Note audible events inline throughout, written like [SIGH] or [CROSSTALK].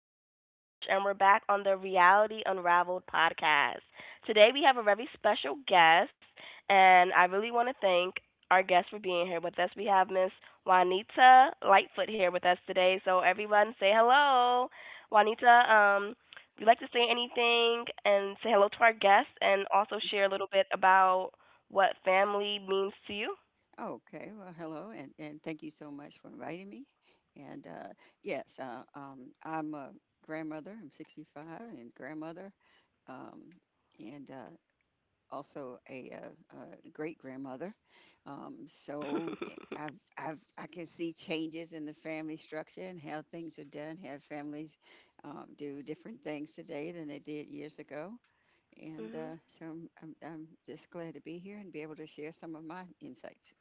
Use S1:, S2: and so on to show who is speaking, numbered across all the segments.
S1: your girl Shosh, and we're back on the Reality Unraveled podcast. Today we have a very special guest, and I really want to thank our guest for being here with us. We have Miss Juanita Lightfoot here with us today, so everyone say hello. Juanita, would you like to say anything and say hello to our guest, and also share a little bit about what family means to you?
S2: Okay, well, hello, and thank you so much for inviting me. And yes, I'm a grandmother. I'm 65 and grandmother, um, and also uh a great grandmother.
S1: [LAUGHS]
S2: I can see changes in the family structure and how things are done, how families do different things today than they did years ago. And
S1: Mhm.
S2: so I'm just glad to be here and be able to share some of my insights.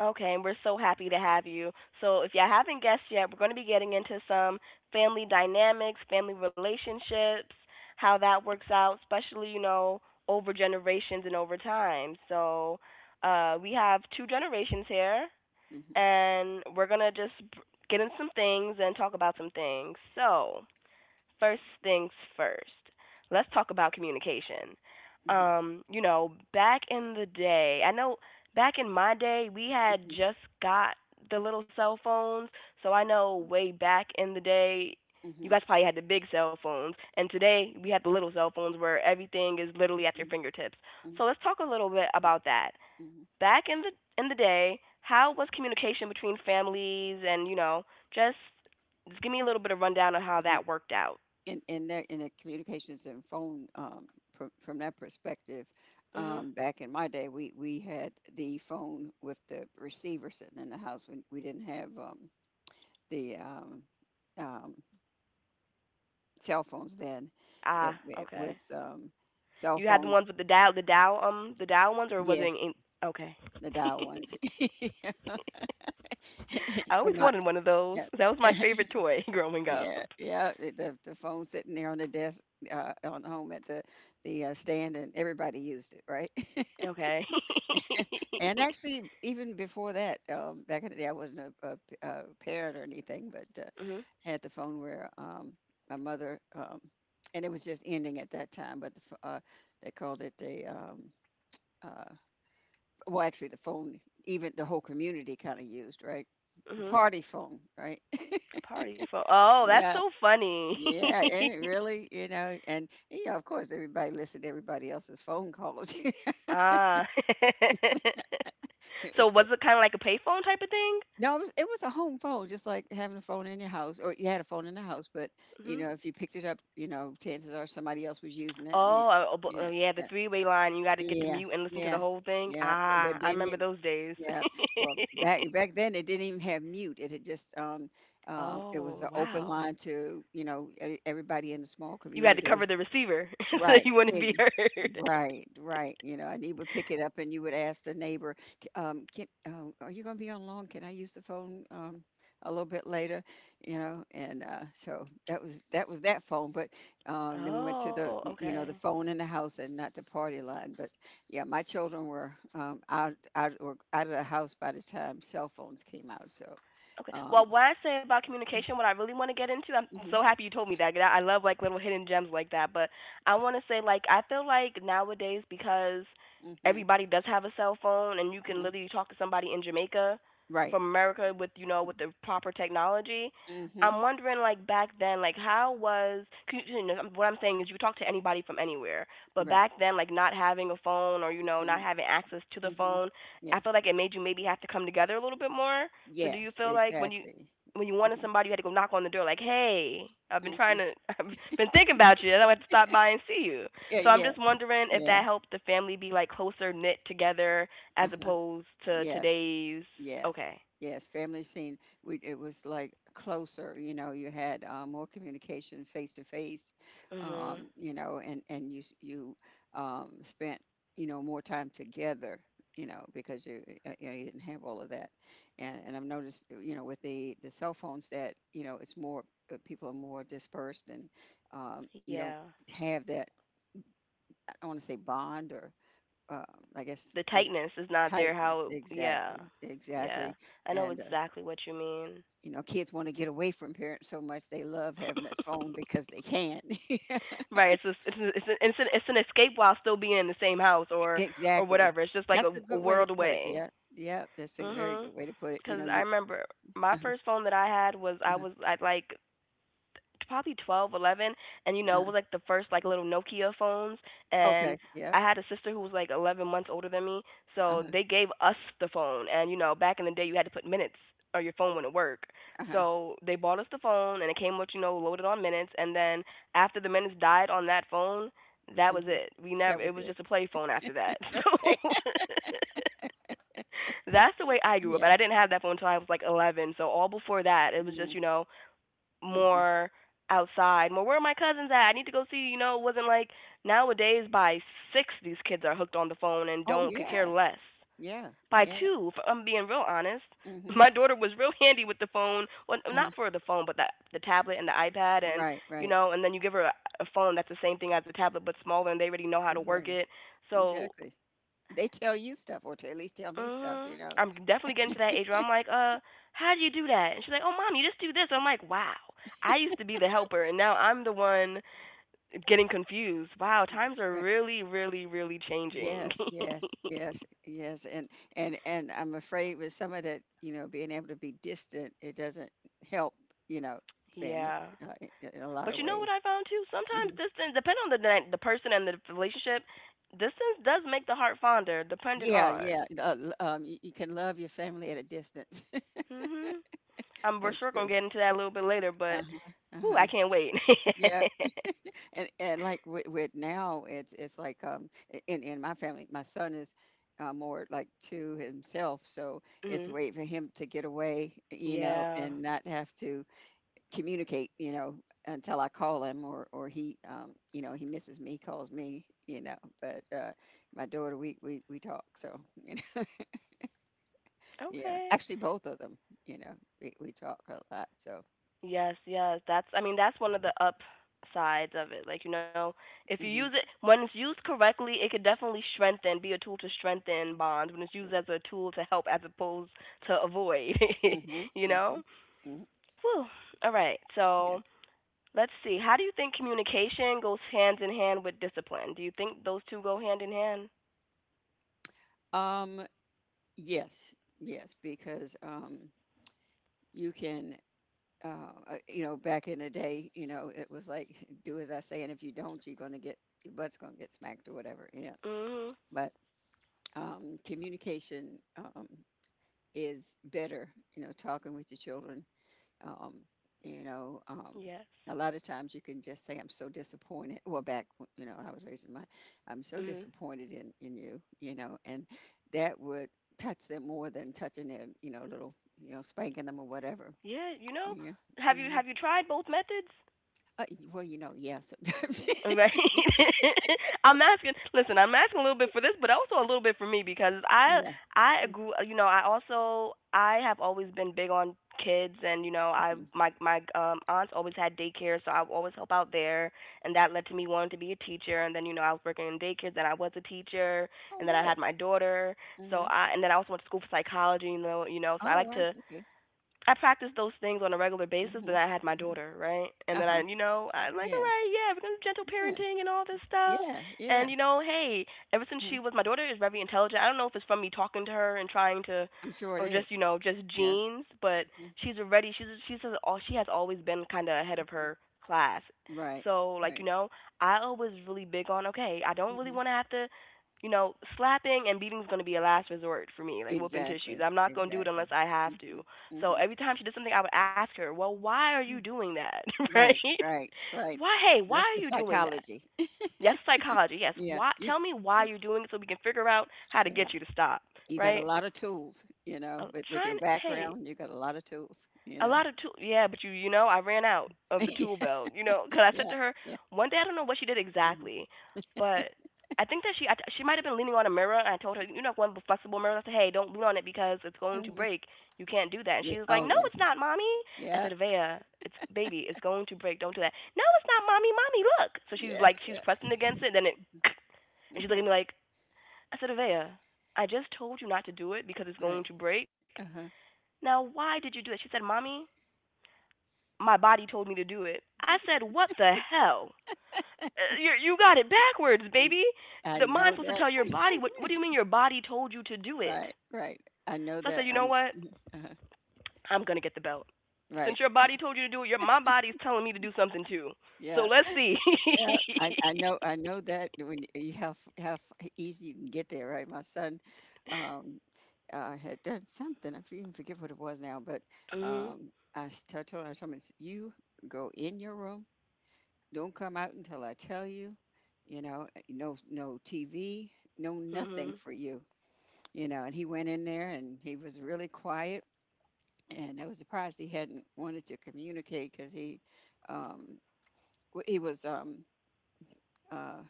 S1: Okay, and we're so happy to have you. So, if y'all haven't guessed yet, we're going to be getting into some family dynamics, family relationships, how that works out, especially, you know, over generations and over time. So, we have two generations here,
S2: hmm
S1: and we're going to just get in some things and talk about some things. So, first things first, let's talk about communication.
S2: hmm
S1: You know, back in the day, I know back in my day, we had
S2: Mhm,
S1: just got the little cell phones. So I know way back in the day, you
S2: mhm,
S1: guys probably had the big cell phones. And today, we have the little cell phones where everything is literally at your
S2: mhm,
S1: fingertips.
S2: mhm,
S1: So let's talk a little bit
S2: mhm,
S1: about that.
S2: mhm.
S1: Back in the day, how was communication between families and, you know, just just give me a little bit of rundown on how
S2: Yep.
S1: that worked out.
S2: In the communications and phone from that perspective,
S1: Mhm.
S2: back in my day, we had the phone with the receiver sitting in the house. We didn't have the um, cell phones then. It,
S1: Ah,
S2: it
S1: okay.
S2: was cell
S1: You had the
S2: phones.
S1: ones with the dial ones, or was it?
S2: Yes,
S1: Okay.
S2: the dial ones. [LAUGHS]
S1: I
S2: in
S1: always
S2: my
S1: wanted one of those.
S2: yeah,
S1: [LAUGHS] That was my favorite toy [LAUGHS] growing up.
S2: Yeah, yeah. The phone sitting there on the desk, on home at the stand, and everybody used it, right? [LAUGHS]
S1: Okay.
S2: And
S1: [LAUGHS]
S2: actually, even before that, back in the day, I wasn't a parent or anything, but
S1: Mhm.
S2: had the phone where my mother, and it was just ending at that time. But the, ph- they called it the uh, well, actually, the phone, even the whole community kind of used, right?
S1: Mhm.
S2: Party phone, right?
S1: A party phone.
S2: [LAUGHS]
S1: Oh, that's
S2: Yeah.
S1: so funny. [LAUGHS]
S2: Yeah, and it really, you know, and you know, of course, everybody listened to everybody else's phone calls. [LAUGHS]
S1: Ah.
S2: It
S1: [LAUGHS] So was
S2: was-
S1: it kind of like a payphone type of thing?
S2: no, it was a home phone, just like having a phone in your house, or you had a phone in the house, but you
S1: Mhm.
S2: know, if you picked it up, you know, chances are somebody else was using it, and you,
S1: Oh, oh,
S2: you know,
S1: oh, yeah, the
S2: yeah,
S1: three-way line. You got to get to
S2: yeah,
S1: mute and listen to the
S2: yeah,
S1: whole thing.
S2: yeah.
S1: Ah,
S2: But
S1: I
S2: didn't
S1: remember
S2: it?
S1: those days.
S2: Yeah.
S1: [LAUGHS]
S2: Well, back then, it didn't even have mute. It had just it was
S1: Oh,
S2: an open
S1: wow.
S2: line to you know everybody in the small
S1: You had to cover
S2: community.
S1: the receiver [LAUGHS] so
S2: Right.
S1: you wouldn't
S2: Ex
S1: be heard.
S2: right, right, you know, and he would pick it up and you would ask the neighbor, can, are you gonna be on loan? Can I use the phone, a little bit later? You know, and, so that was that phone, but, then we went to
S1: Oh,
S2: the, you
S1: okay.
S2: know, the phone in the house and not the party line, but yeah, my children were, or out of the house by the time cell phones came out, so,
S1: Okay.
S2: um,
S1: Well, what I say about communication, what I really want to get into, I'm
S2: mm-hmm,
S1: so happy you told me that. 'Cause I love like little hidden gems like that. But I want to say, like, I feel like nowadays because
S2: mm-hmm,
S1: everybody does have a cell phone and you can
S2: hmm
S1: literally talk to somebody in Jamaica
S2: right.
S1: from America with you know with the proper technology.
S2: Mm-hmm.
S1: I'm wondering, like, back then, like, how was, 'cause you know what I'm saying is you could talk to anybody from anywhere. But
S2: Right.
S1: back then, like, not having a phone, or, you know, not
S2: hmm
S1: having access to the
S2: Mm-hmm.
S1: phone, I feel
S2: Yes.
S1: like it made you maybe have to come together a little bit more. So do you
S2: Yes,
S1: feel like when you
S2: exactly.
S1: when you wanted
S2: Mhm,
S1: somebody, you had to go knock on the door, like, "Hey, I've been trying
S2: mhm.
S1: to, [LAUGHS] I've been thinking about you, and I had to stop by and see you."
S2: Yeah,
S1: So I'm
S2: yes,
S1: just wondering if that
S2: yes,
S1: helped the family be, like, closer knit together as
S2: uh-huh,
S1: opposed to
S2: yes,
S1: today's.
S2: yes,
S1: Okay.
S2: yes. Family scene, we it was like closer, you know, you had more communication face to face,
S1: Mhm.
S2: you know, you spent you know more time together, you know, because you, know, you didn't have all of that, and I've noticed, you know, with the cell phones that you know it's more people are more dispersed and you
S1: Yeah.
S2: don't have that I want to say bond or uh, I guess
S1: The
S2: that's
S1: tightness is not there.
S2: tightness.
S1: How? Yeah.
S2: Exactly,
S1: Yeah.
S2: exactly.
S1: I know
S2: And
S1: exactly what you mean.
S2: you know, kids want to get away from parents so much they love having that phone because they can't. [LAUGHS]
S1: Right. It's just, it's a- it's an, it's an it's an escape while still being in the same house or
S2: exactly.
S1: whatever. It's just like
S2: That's
S1: a,
S2: a
S1: a
S2: good way to
S1: world
S2: put it.
S1: away.
S2: Yeah, yeah. That's a very
S1: Mm-hmm.
S2: good way to put it. You know,
S1: Cause I
S2: you.
S1: remember my
S2: Uh-huh,
S1: first phone, that I had was I
S2: uh-huh,
S1: was at like probably 12, 11, and, you know, it
S2: uh-huh.
S1: was like the first like little Nokia phones, and
S2: Okay. Yeah.
S1: I had a sister who was like 11 months older than me, so
S2: Uh-huh,
S1: they gave us the phone, and, you know, back in the day you had to put minutes or your phone wouldn't work.
S2: uh-huh,
S1: So they bought us the phone and it came with, loaded on minutes, and then after the minutes died on that phone, that was
S2: mhm.
S1: it. We never
S2: That was
S1: it was
S2: it.
S1: just a
S2: [LAUGHS]
S1: play phone after that.
S2: Okay.
S1: [LAUGHS] So that's the way I grew up,
S2: Yeah.
S1: and I didn't have that phone until I was like 11. So all before that, it was
S2: hmm
S1: just,
S2: hmm
S1: more outside, more, where are my cousins at? I need to go see. You know, it wasn't like nowadays, by six these kids are hooked on the phone and
S2: Oh
S1: don't could care
S2: yeah.
S1: less.
S2: Yeah.
S1: By
S2: Yeah.
S1: two, if I'm being real honest, [LAUGHS]
S2: hmm
S1: my daughter was real handy with the phone. Well,
S2: Uh-huh.
S1: not for the phone, but the tablet and the iPad, and,
S2: Right.
S1: you
S2: Right.
S1: know, and then you give her a phone that's the same thing as the tablet but smaller, and they already know how to work
S2: Exactly.
S1: it. So.
S2: Exactly. They tell you stuff, or to at least tell me stuff,
S1: Mhm.
S2: you know.
S1: I'm definitely getting to that age where I'm like, how do you do that? And she's like, oh, mom, you just do this. I'm like, wow. I used to be the helper, and now I'm the one getting confused. Wow, times are
S2: Right.
S1: really, really, really changing.
S2: Yes, yes,
S1: [LAUGHS]
S2: yes, yes. And I'm afraid with some of that, you know, being able to be distant, it doesn't help, you know,
S1: Yeah.
S2: families in a lot
S1: But
S2: of
S1: you know what
S2: ways.
S1: I found too? Sometimes
S2: Mhm.
S1: distance, depending on the person and the relationship, distance does make the heart fonder, dependent
S2: Yeah,
S1: on.
S2: yeah. You, you can love your family at a distance. [LAUGHS]
S1: Mhm. I'm we're
S2: That's
S1: sure gonna
S2: true.
S1: get into that a little bit later,
S2: Uh
S1: but
S2: huh. Uh
S1: whew,
S2: huh.
S1: I can't wait.
S2: Yeah. And like with now it's like in my family my son is more like to himself so
S1: [LAUGHS]
S2: it's a
S1: Mhm.
S2: way for him to get away you know
S1: Yeah.
S2: and not have to communicate you know until I call him or he you know he misses me calls me you know but my daughter we talk so [LAUGHS] you know yeah
S1: Okay.
S2: actually both of them you know we talk a lot so
S1: Yes, yes. That's I mean that's one of the upsides of it. Like, you know, if you use
S2: hmm
S1: it when it's used correctly, it could definitely strengthen, be a tool to strengthen bonds when it's used as a tool to help as opposed to avoid,
S2: hmm hmm
S1: [LAUGHS] you know?
S2: hmm
S1: Whew. All right. So,
S2: yes
S1: let's see. How do you think communication goes hand in hand with discipline? Do you think those two go hand in hand?
S2: um Yes, yes, because you can, uh, you know, back in the day, you know, it was like [LAUGHS] do as I say, and if you don't, you're going to get your butt's going to get smacked or whatever, you know.
S1: Mhm.
S2: But communication is better, you know, talking with your children um, you know, um,
S1: Yes.
S2: a lot of times you can just say, "I'm so disappointed." You know, when I was raising my, I'm so
S1: Mhm.
S2: disappointed in you. You know, and that would touch them more than touching their, you know, little, you know, spanking them or whatever.
S1: Yeah, you know,
S2: Yeah.
S1: have you
S2: hmm
S1: have you tried both methods?
S2: Well, you know, yes. [LAUGHS]
S1: Right. [LAUGHS] I'm asking. Listen, I'm asking a little bit for this, but also a little bit for me because I
S2: yeah.
S1: I grew. You know, I also I have always been big on kids, and, you know, I
S2: hmm
S1: my my aunts always had daycare, so I've always helped out there, and that led to me wanting to be a teacher. And then, you know, I was working in daycare, then I was a teacher,
S2: Oh,
S1: and then I
S2: good.
S1: had my daughter. So
S2: Hmm
S1: I and then I also went to school for psychology. You know, so I
S2: Oh,
S1: like
S2: wow.
S1: to
S2: Okay.
S1: I practice those things on a regular basis, but
S2: hmm
S1: I had my
S2: hmm
S1: daughter, right? And then I,
S2: Uh-huh.
S1: you know, I'm like, all
S2: Yeah.
S1: right, yeah, we're gonna do gentle
S2: Yeah.
S1: parenting and all this stuff.
S2: Yeah. Yeah.
S1: And, you know, hey, ever since
S2: Mhm.
S1: she was my daughter is very intelligent. I don't know if it's from me talking to her and trying to,
S2: I'm sure it
S1: or just,
S2: is.
S1: you know, just
S2: Yeah.
S1: genes, but
S2: hmm
S1: she's already she's all she has always been kind of ahead of her class.
S2: Right.
S1: So, like, you
S2: Right.
S1: know, I always really big on, okay, I don't really
S2: Mm-hmm.
S1: want to have to, slapping and beating is going to be a last resort for me, like whooping tissues.
S2: Exactly,
S1: I'm not going to do it
S2: exactly.
S1: unless I have
S2: hmm
S1: to. So
S2: hmm
S1: every time she did something, I would ask her, "Well, why are you doing that?" [LAUGHS] Right?
S2: Right, right, right.
S1: Why? Hey, why
S2: That's
S1: are
S2: the
S1: you doing that?
S2: psychology. [LAUGHS]
S1: Yes, psychology. Yes,
S2: Yeah,
S1: why?
S2: you
S1: Tell me
S2: uh,
S1: why you're doing it so we can figure out how to
S2: mm,
S1: get you to stop.
S2: you got
S1: Right?
S2: a lot of tools, you know,
S1: I'm
S2: with your
S1: trying. Hey,
S2: background, you got a lot of tools, you
S1: a
S2: know.
S1: lot of tool, yeah, but you know I ran out of the tool
S2: [LAUGHS]
S1: belt, you know, 'cause I said
S2: Yeah,
S1: to her
S2: yeah.
S1: one day, I don't know what she did
S2: hmm
S1: exactly, but I think that she might have been leaning on a mirror, and I told her, you know, one of the flexible mirrors, I said, "Hey, don't lean on it, because it's going to
S2: hmm
S1: break, you can't do that." And
S2: Yeah.
S1: she was like,
S2: Oh,
S1: "No,
S2: yeah.
S1: it's not, mommy." I
S2: Yeah.
S1: said, "Vea, it's, baby, it's going to break, don't do that." "No, it's not, mommy, mommy, look." So she's
S2: Yeah.
S1: like, she's
S2: Yeah.
S1: pressing against it, then it and she's
S2: hmm
S1: looking at me like. I said, "Vea, I just told you not to do it because it's
S2: Right.
S1: going to break.
S2: Uh-huh.
S1: Now why did you do it?" She said, "Mommy, my body told me to do it." I said, "What the hell? You got it backwards, baby.
S2: I
S1: The
S2: know
S1: mind's supposed to
S2: that.
S1: tell your body. What do you mean
S2: [LAUGHS]
S1: your body told you to do it?"
S2: Right. Right. I know
S1: So I said,
S2: that.
S1: "You know what?
S2: Uh-huh.
S1: I'm gonna get the belt.
S2: Right.
S1: Since your body told you to do it, your my body's telling me to do something too. So
S2: Yeah.
S1: let's see."
S2: Yeah,
S1: [LAUGHS]
S2: I know that when you have how easy you can get there, right? My son um, had done something. Even forget what it was now, but
S1: Mhm.
S2: I told him, "It's- you go in your room, don't come out until I tell you. You know, no no TV, no nothing
S1: Mhm.
S2: for you. You know." And he went in there, and he was really quiet. And I was surprised he hadn't wanted to communicate because um, he was uh,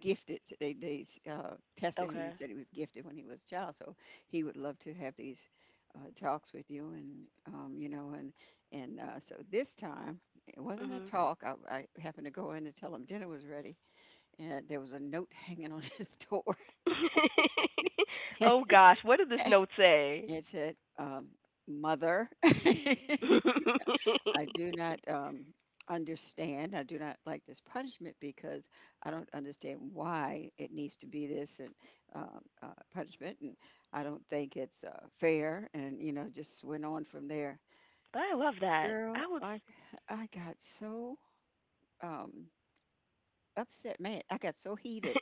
S2: gifted. They tested him and
S1: Okay.
S2: said he was gifted when he was a child. So he would love to have these talks with you, and so this time it wasn't a
S1: Mhm.
S2: talk. I happened to go in to tell him dinner was ready, and there was a note [LAUGHS] hanging on his door.
S1: [LAUGHS]
S2: [LAUGHS]
S1: Oh gosh, what did this note say?
S2: it said, "Mother." [LAUGHS]
S1: [LAUGHS] But
S2: I do not understand. I do not like this punishment because I don't understand why it needs to be this and punishment, and I don't think it's fair. And you know, just went on from there.
S1: I love that. I
S2: Girl,
S1: would
S2: I got so um, upset, man. I got so heated.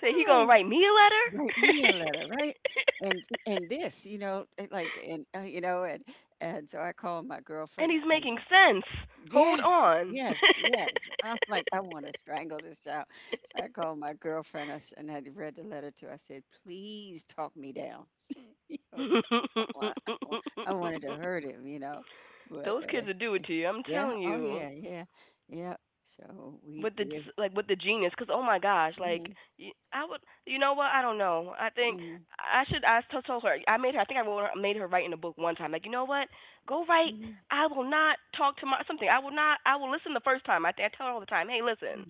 S1: say he
S2: I'm
S1: gonna
S2: like,
S1: write me a
S2: write me a
S1: letter. [LAUGHS]
S2: letter, right? And this, you know, it like and you know, and so I called my
S1: And
S2: girlfriend
S1: he's
S2: and.
S1: making sense. Hold
S2: Yes,
S1: on.
S2: yes, yes. I'm like, I want to strangle this child. So I called my girlfriend and I read the letter to her. I said, please talk me down. [LAUGHS] Oh, come on. I wanted to hurt him, you know.
S1: [LAUGHS]
S2: But
S1: Those kids will do it to you. I'm
S2: yeah,
S1: telling
S2: oh
S1: you.
S2: yeah, yeah, yeah. So we
S1: With the
S2: we
S1: Like with the genius, because oh my gosh,
S2: hmm
S1: like y- I would you know what I don't know I think
S2: hmm
S1: I should I t- told her I made her I think I wrote her, made her write in a book one time, like, you know what? Go write.
S2: hmm
S1: I will not talk to my something. I will not, I will listen the first time. I think I tell her all the time, hey, listen,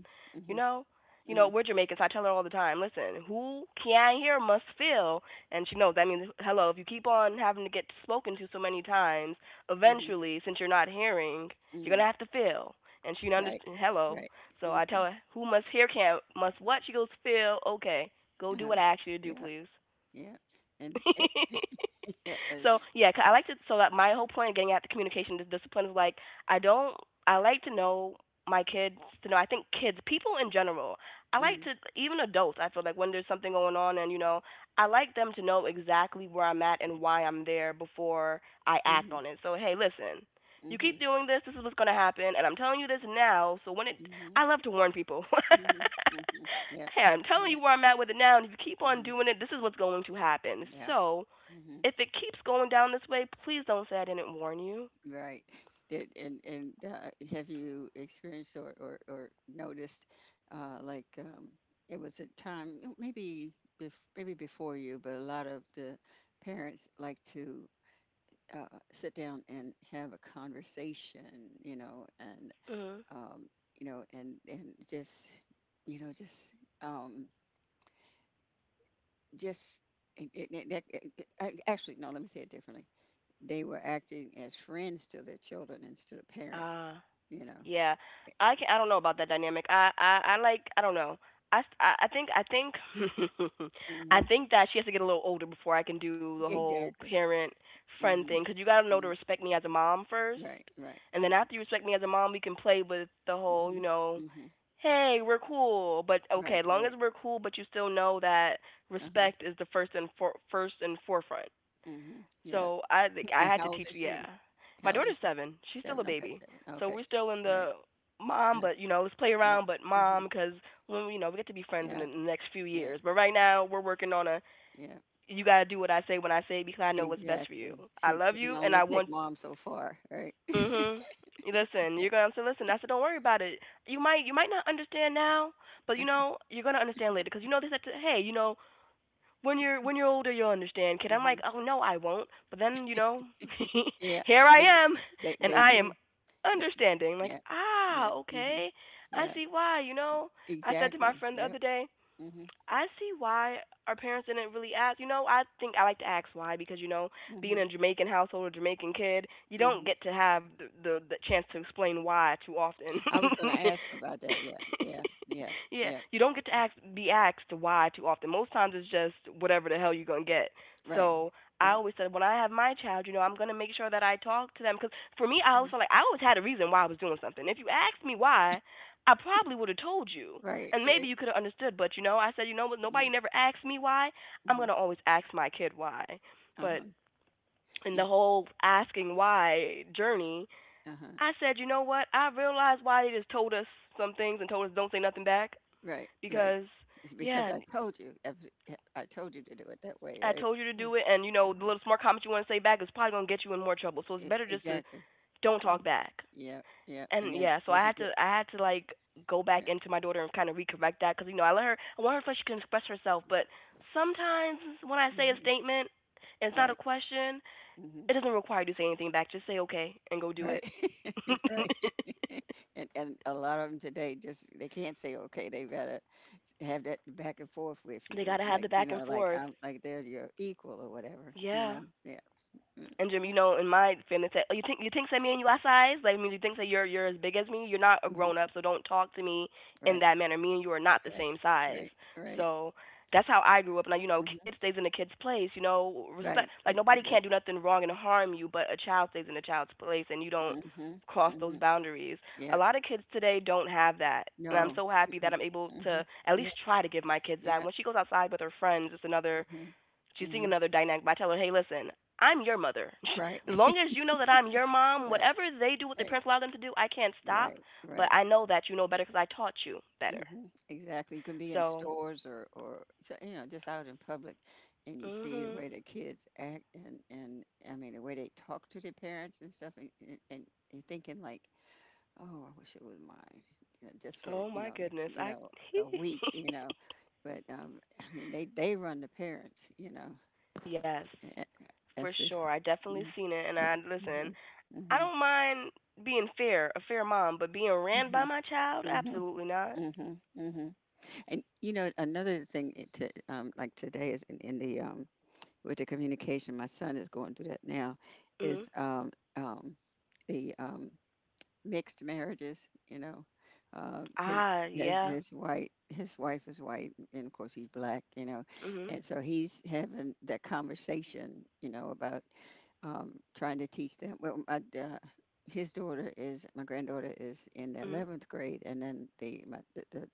S1: you
S2: hmm
S1: know you know,
S2: hmm
S1: we're Jamaicans. So I tell her all the time, listen, who can hear must feel, and she knows that means hello. If you keep on having to get spoken to so many times,
S2: hmm
S1: eventually, since you're not hearing, you're going
S2: hmm
S1: to have to feel, and she
S2: right,
S1: understands hello.
S2: right.
S1: So
S2: hmm
S1: I tell her, who must hear can must what? She goes, Phil, okay, go do what
S2: uh
S1: I asked you to do,
S2: Yeah,
S1: please.
S2: yeah. And it,
S1: [LAUGHS] So
S2: [LAUGHS]
S1: yeah, I like to. So that, my whole point of getting at the communication discipline is, like, I don't. I like to know my kids to know. I think kids, people in general, I like
S2: hmm
S1: to, even adults. I feel like when there's something going on, and, I like them to know exactly where I'm at and why I'm there before I act
S2: hmm
S1: on it. So hey, listen, you keep doing this, this is what's going to happen, and I'm telling you this now, so when it,
S2: hmm
S1: I love to warn people.
S2: Mhm, mhm. Yep.
S1: [LAUGHS] Hey, I'm telling
S2: Yep.
S1: you where I'm at with it now, and if you keep on
S2: Mhm.
S1: doing it, this is what's going to happen.
S2: Yep.
S1: So,
S2: Mhm.
S1: if it keeps going down this way, please don't say I didn't warn you.
S2: Right. Did and have you experienced or noticed uh, like um, it was a time you know, maybe bef maybe before you, but a lot of the parents like to sit down and have a conversation, you know, and
S1: Mm-hmm.
S2: um, you know, and just you know um, just it, it, it, that- it, I- actually no, let me say it differently they were acting as friends to their children instead of parents,
S1: Uh,
S2: you know.
S1: Yeah, I can, I don't know about that dynamic. I like, I don't know. I think i think [LAUGHS] I
S2: Hmm
S1: think that she has to get a little older before I can do the whole
S2: Exactly.
S1: parent friend
S2: hmm
S1: thing. Cause you gotta know to
S2: hmm
S1: respect me as a mom first,
S2: Right, right.
S1: and then after you respect me as a mom, we can play with the
S2: hmm
S1: whole, you know,
S2: hmm
S1: hey, we're cool, but okay,
S2: Right,
S1: as long
S2: right.
S1: as we're cool, but you still know that
S2: Uh-huh.
S1: respect is the first and for, first and forefront.
S2: hmm Yeah.
S1: So I think I
S2: And
S1: had
S2: how
S1: to
S2: old
S1: teach.
S2: is
S1: Yeah,
S2: she?
S1: my
S2: How old is
S1: daughter's
S2: she?
S1: seven. She's still
S2: Seven.
S1: a
S2: Okay,
S1: baby.
S2: seven.
S1: So
S2: Okay.
S1: we're still in
S2: Right.
S1: the mom,
S2: Uh,
S1: but you know, let's play
S2: yep.
S1: around, but
S2: hmm
S1: mom, because when, you know, we get to be friends
S2: Yeah,
S1: in the next few
S2: yeah,
S1: years. But right now we're working on a.
S2: yeah.
S1: You gotta do what I say when I say it because I know what's best for you.
S2: Exactly.
S1: I
S2: She
S1: love
S2: can
S1: you and
S2: only
S1: I
S2: take
S1: want.
S2: mom so far, right? [LAUGHS]
S1: Mhm. Listen,
S2: Right.
S1: you're gonna say. Listen, I said, don't worry about it. You might not understand now, but
S2: Yeah.
S1: you know you're gonna understand later because you know this. That, hey, you know, when you're, when you're older, you'll understand, kid. I'm
S2: hmm
S1: like, oh no, I won't. But then, you know,
S2: Yeah.
S1: [LAUGHS] here
S2: They, d-
S1: I am, [LAUGHS] and
S2: they
S1: I
S2: do.
S1: am
S2: They,
S1: understanding, like,
S2: yeah. Yeah.
S1: ah,
S2: hmm
S1: okay, I
S2: Yeah.
S1: see why, you know. I said to my
S2: Exactly.
S1: friend the
S2: Yep.
S1: other day,
S2: Mhm.
S1: I see why our parents didn't really ask. You know, I think I like to ask why, because, being
S2: Mhm.
S1: a Jamaican household, a Jamaican kid, you don't
S2: Mhm.
S1: get to have the chance to explain why too often. [LAUGHS]
S2: I was going to ask about that. Yeah. Yeah. Yeah.
S1: Yeah,
S2: Yeah.
S1: you don't get to ask, be asked why too often. Most times it's just whatever the hell you're gonna get.
S2: Right.
S1: So I
S2: Right.
S1: always said, when I have my child, you know, I'm gonna make sure that I talk to them because for me, I
S2: Mhm.
S1: always felt like I always had a reason why I was doing something. If you asked me why, I probably would have told you.
S2: Right.
S1: And
S2: Right.
S1: maybe you could have understood, but, you know, I said, you know what?
S2: Mhm.
S1: Nobody never asked me why. I'm
S2: Mhm.
S1: gonna always ask my kid why.
S2: Uh huh.
S1: But in the whole asking why journey,
S2: Uh huh.
S1: I said, you know what? I realized why they just told us some things and told us don't say nothing back,
S2: Right. Right.
S1: because
S2: It's because
S1: yeah,
S2: I told you. I told you to do it that way.
S1: I
S2: Right.
S1: told you to
S2: Yeah.
S1: do it, and you know the
S2: Mhm.
S1: little smart comment you want to say back is probably gonna get you in more trouble. So it's better just to
S2: Exactly.
S1: don't
S2: Yeah.
S1: talk back.
S2: Yeah. Yeah. And
S1: And
S2: then
S1: yeah, so
S2: as
S1: I
S2: you
S1: had
S2: grow.
S1: to, I had to, like, go
S2: Yeah.
S1: back into my daughter and kind of recorrect that, because, you know, I let her, I want her to feel she can express herself, but sometimes when I say a
S2: Mhm.
S1: statement, it's not
S2: Right.
S1: a question.
S2: Mhm.
S1: It doesn't require you to say anything back. Just say okay and go do
S2: Right.
S1: it.
S2: [LAUGHS] right.
S1: [LAUGHS]
S2: [LAUGHS] And a lot of them today just they can't say okay. They gotta have that back and forth with you,
S1: They
S2: and
S1: gotta have
S2: like
S1: the
S2: you
S1: back
S2: know,
S1: and
S2: like
S1: forth.
S2: I'm like they're your equal or whatever. You know,
S1: Yeah.
S2: yeah, mm,
S1: And Jim, you know, in my feelings, that, oh, you think, you think that me and you are size? Like, I mean, you think that you're as big as me? You're not a
S2: mm-hmm.
S1: grown up, so don't talk to me in
S2: Right,
S1: that manner. Me and you are not the
S2: right,
S1: same size.
S2: right, right,
S1: So that's how I grew up. Now, you know, a kid
S2: hmm,
S1: stays in a kid's place. You know, respect.
S2: right,
S1: Like,
S2: e-
S1: nobody can't do
S2: exactly.
S1: nothing wrong and harm you, but a child stays in a child's place, and you don't
S2: Hmm.
S1: cross those
S2: Hmm.
S1: boundaries. A
S2: Yeah,
S1: lot of kids today don't have that. And I'm
S2: no,
S1: so happy that
S2: mm,
S1: I'm able
S2: mm-hmm.
S1: to at
S2: Yeah,
S1: least try to give my kids that.
S2: yeah,
S1: When she goes outside with her friends, it's another.
S2: hmm,
S1: She's seeing
S2: hmm,
S1: another dynamic. By telling her, hey, listen, I'm your mother. [LAUGHS]
S2: right,
S1: As long as
S2: [LAUGHS]
S1: you know that I'm your mom,
S2: right,
S1: whatever they do, what their
S2: right,
S1: parents allow them to do, I can't stop.
S2: right,
S1: But
S2: right.
S1: I know that you know better because I taught you better.
S2: Mhm. Exactly. You can be in
S1: So,
S2: stores, or so, you know, just out in public, and
S1: mm,
S2: you see the
S1: mhm.
S2: way the kids act, and I mean the way they talk to their parents and stuff, and and you're thinking like, oh, I wish it was mine, just for
S1: Oh my goodness. I
S2: a week, but I mean they run the parents, you know.
S1: [LAUGHS] yes,
S2: Eh, eh,
S1: for
S2: that's just.
S1: sure. I definitely seen it, and I
S2: Mm-hmm.
S1: listen. I
S2: Mm-hmm.
S1: don't mind being fair, a fair mom, but being ran
S2: Mm-hmm.
S1: by my child,
S2: Mm-hmm.
S1: absolutely not.
S2: Mm-hmm. Mm-hmm, mm-hmm. And you know, another thing it to like today is in the with the communication. My son is going through that now.
S1: Mm, mhm.
S2: Is the mixed marriages? You know, uh, his
S1: Ah,
S2: his
S1: yeah.
S2: his white his wife is white, and of course he's black. You know,
S1: Mm, mhm.
S2: and so he's having that conversation. You know, about trying to teach them. Well, his daughter is my granddaughter is in the
S1: Mm, mhm.
S2: 11th grade, and then the my the, the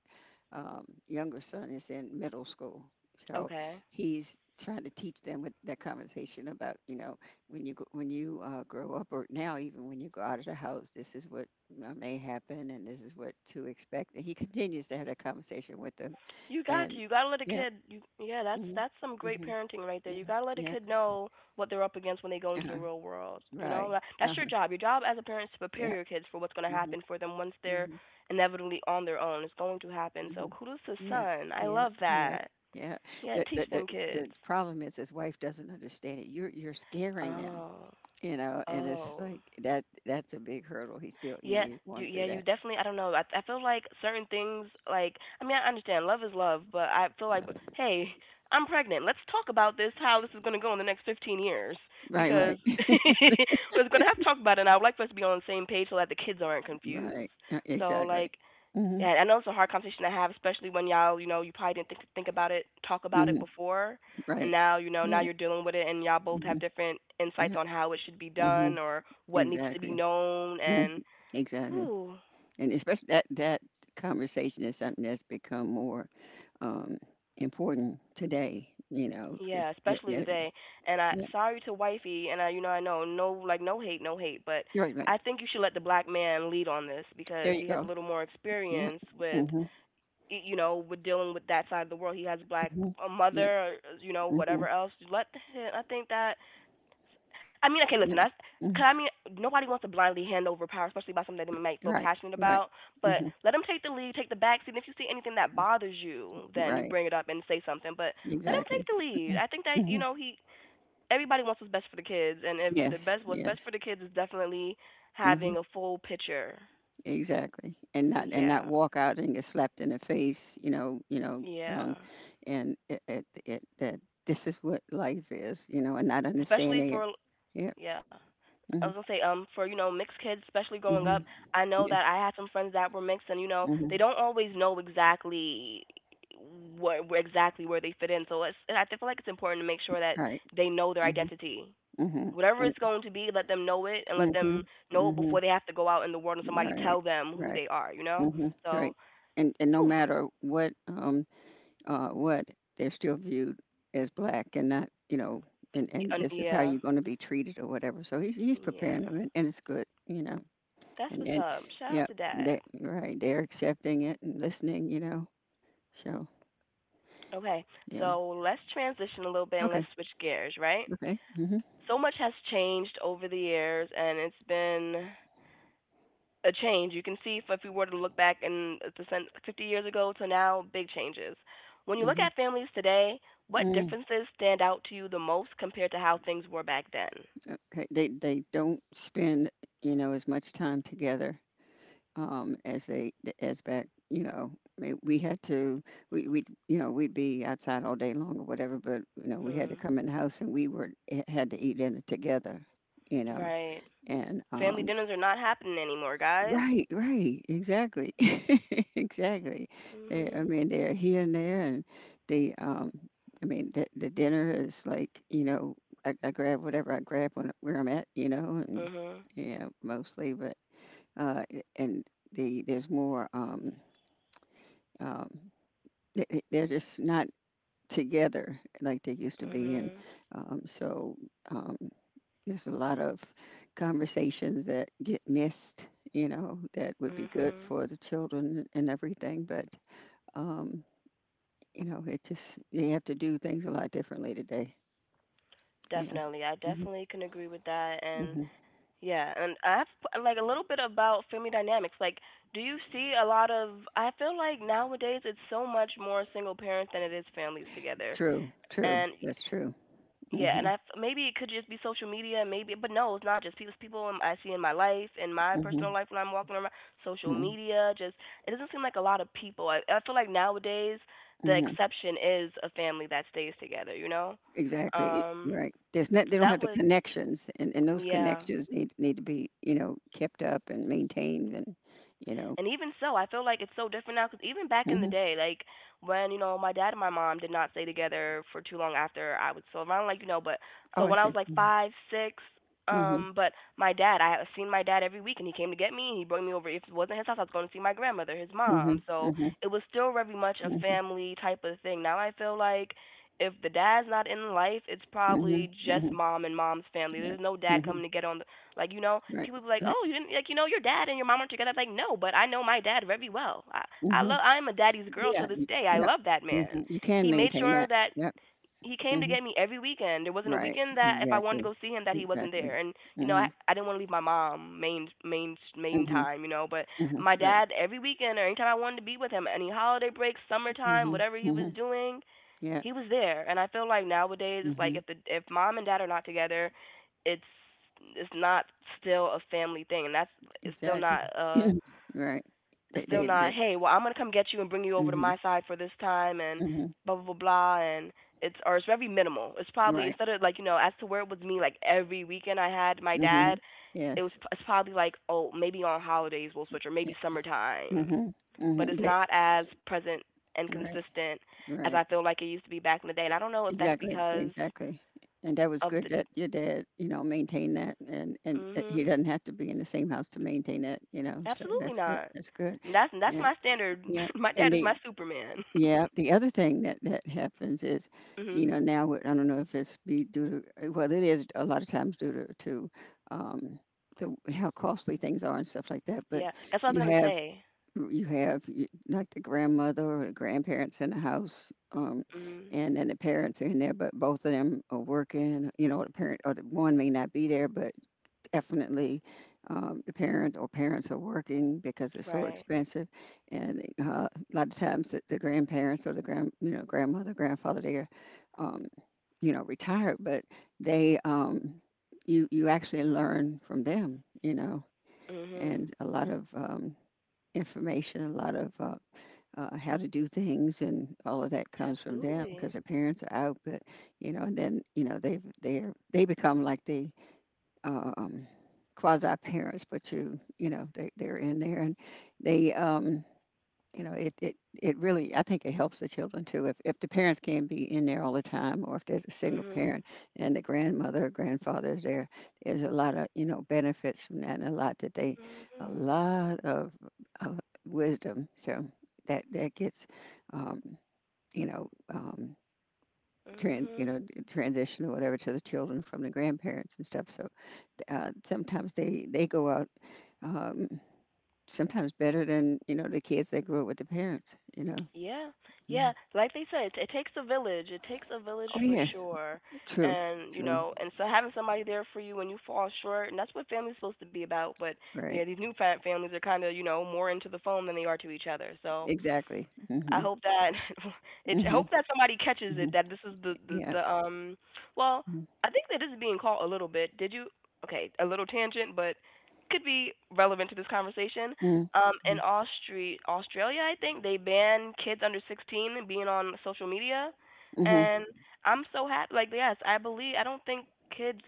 S2: um, younger son is in middle school, so
S1: Okay.
S2: he's trying to teach them with that conversation about you know when you grow up, or now even when you go out of the house, this is what may happen and this is what to expect. And he continues to have that conversation with them.
S1: You got to.
S2: And
S1: You got to let a
S2: yeah,
S1: kid. You, yeah, that's
S2: mm-hmm,
S1: that's some great
S2: mm-hmm,
S1: parenting right there. You
S2: hmm,
S1: got to let a
S2: yeah,
S1: kid know what they're up against when they go into the
S2: uh-huh,
S1: real world. You
S2: right,
S1: know,
S2: uh
S1: that's your
S2: huh,
S1: job. Your job as a parent is to prepare
S2: yeah.
S1: your kids for what's going to
S2: Mm-hmm.
S1: happen for them once they're
S2: Mm-hmm.
S1: inevitably on their own. It's going to happen. So
S2: Mhm.
S1: kudos to
S2: Yeah,
S1: son. I
S2: yeah,
S1: love
S2: yeah,
S1: that.
S2: yeah.
S1: Yeah,
S2: The,
S1: teach
S2: the the
S1: them kids.
S2: the problem is his wife doesn't understand it. You're scaring them,
S1: Oh,
S2: you know, and it's
S1: oh.
S2: like that that's a big hurdle. He's still, you know,
S1: Yeah,
S2: he's going
S1: yeah,
S2: through
S1: you
S2: that.
S1: definitely. I don't know. I feel like certain things, like, I mean, I understand love is love, but I feel like, hey, I'm pregnant. Let's talk about this. How this is gonna go in the next 15 years?
S2: Right,
S1: Because
S2: right,
S1: [LAUGHS] we're gonna have to talk about it. And I would like for us to be on the same page so that the kids aren't
S2: [LAUGHS]
S1: confused.
S2: right. Yeah,
S1: So,
S2: exactly.
S1: like,
S2: Mhm,
S1: yeah, I know it's a hard conversation to have, especially when y'all, you know, you probably didn't think about it, talk about it
S2: mhm.
S1: before, and
S2: Right,
S1: now, you know, now
S2: right.
S1: you're dealing with it, and y'all both have
S2: Mhm.
S1: different insights
S2: Yeah.
S1: on how it should be done
S2: Mhm.
S1: or what needs to be
S2: Exactly.
S1: known
S2: Mhm.
S1: and.
S2: Exactly.
S1: Whew.
S2: And especially that conversation is something that's become more um important today, you know, because
S1: Yeah,
S2: yeah,
S1: especially
S2: yeah,
S1: today. And I
S2: yeah.
S1: sorry to wifey, and I, you know, I know, no, like, no hate, no hate, but
S2: Right, right.
S1: I think you should let the black man lead on this
S2: There
S1: because
S2: you
S1: he has a
S2: go.
S1: little more
S2: Yeah.
S1: experience with,
S2: Mhm.
S1: you know, with dealing with that side of the world. He has black,
S2: Mhm.
S1: a
S2: Yep.
S1: mother, you know, whatever
S2: Mhm.
S1: else. Let him, I think that, I mean, okay, listen,
S2: Yep.
S1: I, cause
S2: Mm.
S1: I mean, nobody wants to blindly hand over power, especially about something that they might feel
S2: Right.
S1: passionate
S2: Right.
S1: about. But
S2: Mhm.
S1: let them take the lead, take the back seat. And if you see anything that
S2: Mm.
S1: bothers you, then you
S2: Right.
S1: bring it up and say something. But let him
S2: Exactly.
S1: take the lead. I think that, you
S2: Mhm.
S1: know, he. Everybody wants what's best for the kids, and if the
S2: Yes.
S1: best, what's best
S2: Yes.
S1: for the kids is definitely
S2: Mhm.
S1: having a full picture.
S2: Exactly. And not
S1: Yeah,
S2: walk out and get slapped in the face. You know. You know.
S1: yeah,
S2: Um. And it that this is what life is. You know. And not
S1: especially
S2: understanding it.
S1: for,
S2: Yep.
S1: yeah. I was
S2: Mhm.
S1: gonna say, for, you know, mixed kids, especially growing up,
S2: Mhm.
S1: I know
S2: Yeah.
S1: that I had some friends that were mixed, and you know they
S2: Mhm.
S1: don't always know exactly where exactly where they fit in. So it's, I feel like it's important to make sure that
S2: Right.
S1: they know their
S2: Mhm.
S1: identity,
S2: Mhm. I
S1: whatever
S2: mean,
S1: it's going to be. Let them know it, and let them
S2: mhm.
S1: know it before
S2: Mhm.
S1: they have to go out in the world and somebody
S2: Right.
S1: tell them who
S2: Right.
S1: they are. You know,
S2: Mhm,
S1: so
S2: right. And no
S1: whew,
S2: matter what they're still viewed as black and not, you know, and and this is how
S1: yeah,
S2: you're going to be treated or whatever. So he's
S1: yeah,
S2: preparing them, and it's good, you know.
S1: that's
S2: And
S1: what's
S2: and
S1: up. Shout out
S2: yeah,
S1: to dad.
S2: they right, they're accepting it and listening, you know. So,
S1: Okay,
S2: yeah.
S1: so let's transition a little bit and let's
S2: Okay.
S1: switch gears, right?
S2: Okay. Mhm.
S1: So much has changed over the years, and it's been a change. You can see if we were to look back in the 50 years ago to now, big changes. When you look
S2: Mhm.
S1: at families today, what
S2: Mm.
S1: differences stand out to you the most compared to how things were back then?
S2: Okay. They don't spend, you know, as much time together, as they as back you know. I mean, we had to we you know we'd be outside all day long or whatever, but you know we had to
S1: Mm,
S2: come in the house and we were had to eat dinner together, you know,
S1: right.
S2: and
S1: Family dinners are not happening anymore, guys.
S2: right, right, exactly, [LAUGHS] exactly. They, I
S1: Mhm.
S2: mean they're here and there and the I mean the dinner is like, you know, I grab whatever I grab when where I'm at, you know, and
S1: Mhm.
S2: yeah, mostly. But uh and the there's more um, they're just not together like they used to be. And
S1: Mhm.
S2: so um, there's a lot of conversations that get missed, you know, that would be good
S1: Mhm.
S2: for the children and everything. But, um, you know, it just, you have to do things a lot differently today. Yeah.
S1: Definitely. I
S2: Hmm.
S1: definitely can agree with that. And
S2: Hmm.
S1: yeah, and I have like a little bit about family dynamics. Like, do you see a lot of? I feel like nowadays it's so much more single parents than it is families together.
S2: True, true.
S1: And
S2: That's true.
S1: yeah,
S2: Hmm.
S1: and maybe it could just be social media, maybe, but no, it's not just people. It's people I see in my life, in my
S2: Hmm.
S1: personal life when I'm walking around, social
S2: Hmm.
S1: media. Just it doesn't seem like a lot of people. I feel like nowadays the
S2: Hmm.
S1: exception is a family that stays together. You know,
S2: Exactly. You're
S1: um,
S2: right. There's not, they don't
S1: that
S2: have the
S1: would
S2: connections, and those
S1: yeah.
S2: connections need to be, you know, kept up and maintained, and you know.
S1: And even so, I feel like it's so different now because even back in the
S2: Hmm.
S1: day, like when you know my dad and my mom did not stay together for too long after I was so around, like you know, but
S2: Oh,
S1: so
S2: I
S1: when I
S2: see.
S1: was like
S2: Mm-hmm.
S1: five, six,
S2: Mm-hmm.
S1: but my dad, I had seen my dad every week, and he came to get me, and he brought me over. If it wasn't his house, I was going to see my grandmother, his mom. So
S2: Mm-hmm.
S1: it was still very much a
S2: Mm-hmm.
S1: family type of thing. Now I feel like if the dad's not in life, it's
S2: Mm-hmm.
S1: probably just
S2: Mm-hmm.
S1: mom and mom's family.
S2: Right.
S1: There's no dad
S2: Mm-hmm.
S1: coming to get on the like you know,
S2: Right.
S1: people be like,
S2: Right.
S1: "Oh, you didn't like you know your dad and your mom aren't together." I'm like, no, but I know my dad very well. I I
S2: Mm-hmm.
S1: love I am a daddy's girl to
S2: Yeah.
S1: this
S2: y-
S1: day. I
S2: Yeah.
S1: love that man.
S2: Mm-hmm. You can
S1: He made
S2: maintain
S1: sure
S2: that.
S1: that
S2: Yep.
S1: he came to
S2: Mm-hmm.
S1: get me every weekend. There wasn't a
S2: Right.
S1: weekend that if I wanted to
S2: Exactly.
S1: go see him that he wasn't
S2: Exactly.
S1: there. And you know, I
S2: Mm-hmm.
S1: I didn't want to leave my mom main
S2: Mm-hmm.
S1: time, you know, but
S2: Mm-hmm.
S1: my
S2: Right.
S1: dad every weekend or anytime I wanted to be with him, any holiday breaks, summertime,
S2: Mm-hmm.
S1: whatever he
S2: Mm-hmm.
S1: was doing,
S2: Yeah.
S1: he was there. And I feel like nowadays it's like
S2: Mm-hmm.
S1: if the if mom and dad are not together it's it's not still a family thing, and that's it's still
S2: Exactly.
S1: not uh
S2: Right.
S1: it's
S2: They.
S1: still
S2: They.
S1: not
S2: They
S1: hey well I'm going to come get you and bring you over to
S2: mm-hmm.
S1: my side for this time and
S2: Mm-hmm.
S1: blah blah blah blah. And it's or it's very minimal, it's probably
S2: Right.
S1: instead of like you know as to where it was me like every weekend I had my
S2: Mm.
S1: dad
S2: Mhm.
S1: it was
S2: Yes.
S1: it's probably like oh maybe on holidays we'll switch or
S2: Yeah.
S1: maybe summertime,
S2: Mhm. Mm.
S1: but
S2: Mhm.
S1: it's
S2: But
S1: not as present and
S2: right.
S1: consistent as I
S2: Right.
S1: feel like it used to be back in the day. And I don't know if that's
S2: Exactly.
S1: because
S2: Exactly. And that was
S1: of
S2: good
S1: the.
S2: that your dad, you know, maintained that, and he
S1: Hmm,
S2: doesn't have to be in the same house to maintain that, you know. So
S1: absolutely
S2: that's good.
S1: not.
S2: That's good.
S1: And that's
S2: Yeah.
S1: my standard.
S2: Yeah.
S1: [LAUGHS] My
S2: And
S1: dad is
S2: the
S1: my Superman.
S2: yeah, the other thing that that happens is,
S1: [LAUGHS]
S2: you
S1: Hmm.
S2: know, now with, I don't know if it's be due to well, it is a lot of times due to um, the how costly things are and stuff like that. But
S1: Yeah, that's what I was
S2: you
S1: gonna
S2: have
S1: say.
S2: like the grandmother or the grandparents in the house,
S1: Hmm.
S2: and then the parents are in there, but both of them are working. You know, the parent or the one may not be there, but definitely the parent or parents are working because it's so
S1: Right.
S2: expensive. And a lot of times the grandparents or the grand, you know, grandmother, grandfather, they're, um, you know, retired, but they, um, you, you actually learn from them, you know,
S1: Mhm.
S2: and a lot of information, a lot of how to do things and all of that comes from them because
S1: Absolutely.
S2: their parents are out. But you know, and then you know they become like the uh, um quasi parents, but you know they're in there and they, you know, it really, I think, it helps the children too if the parents can't be in there all the time, or if there's a single
S1: Mhm.
S2: parent and the grandmother or grandfather is there, there's a lot of, you know, benefits from that and a lot that they a
S1: Mhm.
S2: lot of wisdom. So that that gets um, you know, Trans, you
S1: Mhm.
S2: know, transition or whatever to the children from the grandparents and stuff. So sometimes they go out, um, sometimes better than, you know, the kids that grew up with the parents, you know.
S1: Yeah, yeah.
S2: Mhm.
S1: Like they said, it takes a village. It takes a village
S2: Oh,
S1: for
S2: yeah.
S1: sure.
S2: True,
S1: And you
S2: true.
S1: know, and so having somebody there for you when you fall short, and that's what family's supposed to be about. But yeah,
S2: Right.
S1: these new families are kind of you know more into the phone than they are to each other. So
S2: Exactly.
S1: I
S2: Mhm,
S1: hope that [LAUGHS] it. I hope
S2: mhm,
S1: that somebody catches it.
S2: mhm.
S1: That this is the, the
S2: Yeah.
S1: the um. Well,
S2: Mm,
S1: I think that is being caught a little bit. Did you? Okay, a little tangent, but could be relevant to this conversation.
S2: mhm,
S1: In
S2: mm,
S1: Australia, I think they ban kids under 16 being on social media,
S2: mhm.
S1: and I'm so happy. Like, yes, I believe. I don't think kids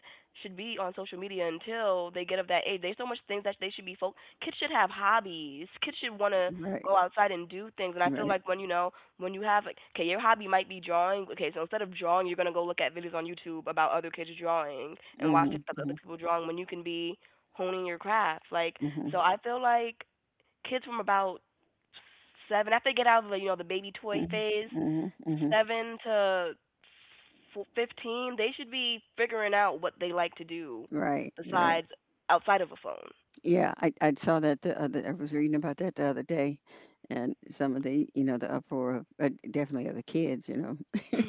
S1: should be on social media until they get of that age. There's so much things that they should be kids should have hobbies. Kids should want to
S2: Right,
S1: go outside and do things. And I feel
S2: right.
S1: like when you know when you have like okay your hobby might be drawing okay so instead of drawing you're going to go look at videos on youtube about other kids drawing and watch
S2: Mhm,
S1: other
S2: mhm,
S1: people drawing when you can be honing your craft, like so
S2: mhm,
S1: I feel like kids from about seven after they get out of the you know the baby toy
S2: mhm,
S1: phase
S2: mhm, mhm.
S1: seven to 15 they should be figuring out what they like to do
S2: Right, right.
S1: besides outside of a phone.
S2: Yeah, I saw that the other I was reading about that the other day, and some of the, you know, the uproar of definitely of the kids, you know. [LAUGHS]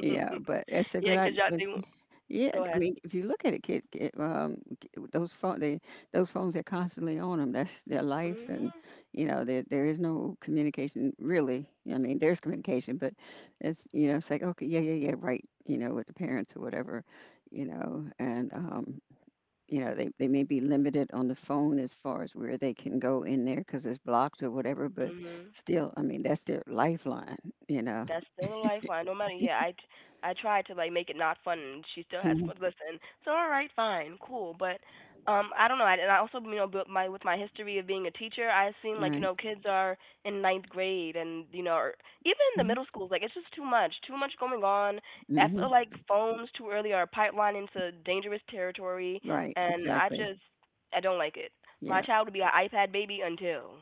S2: Yeah, but it's a
S1: Yeah,
S2: good
S1: because y'all
S2: idea.
S1: they won't-
S2: Yeah,
S1: go
S2: I
S1: ahead.
S2: mean, if you look at it, kid, kid k- those phone, they those phones they're constantly on them. That's their life,
S1: Mhm.
S2: and you know, there is no communication really. I mean, there's communication, but it's you know, it's like okay, yeah, yeah, yeah, right. You know, with the parents or whatever, you know, and you know, they may be limited on the phone as far as where they can go in there because it's blocked or whatever. But
S1: Mhm.
S2: still, I mean, that's their lifeline. You know.
S1: That's still a lifeline, no matter. Yeah, I tried to like make it not fun, and she still has
S2: Mhm.
S1: fun. Listen, so all right, fine, cool, but I don't know. I, and I also, you know, built my with my history of being a teacher, I've seen like you
S2: Right?
S1: know kids are in ninth grade, and you know, or even in the middle schools, like it's just too much going on. I feel
S2: Hmm.
S1: like phones too early are a pipeline into dangerous territory,
S2: Right,
S1: and I
S2: exactly.
S1: just I don't like it. My
S2: Yeah,
S1: child will be an iPad baby until.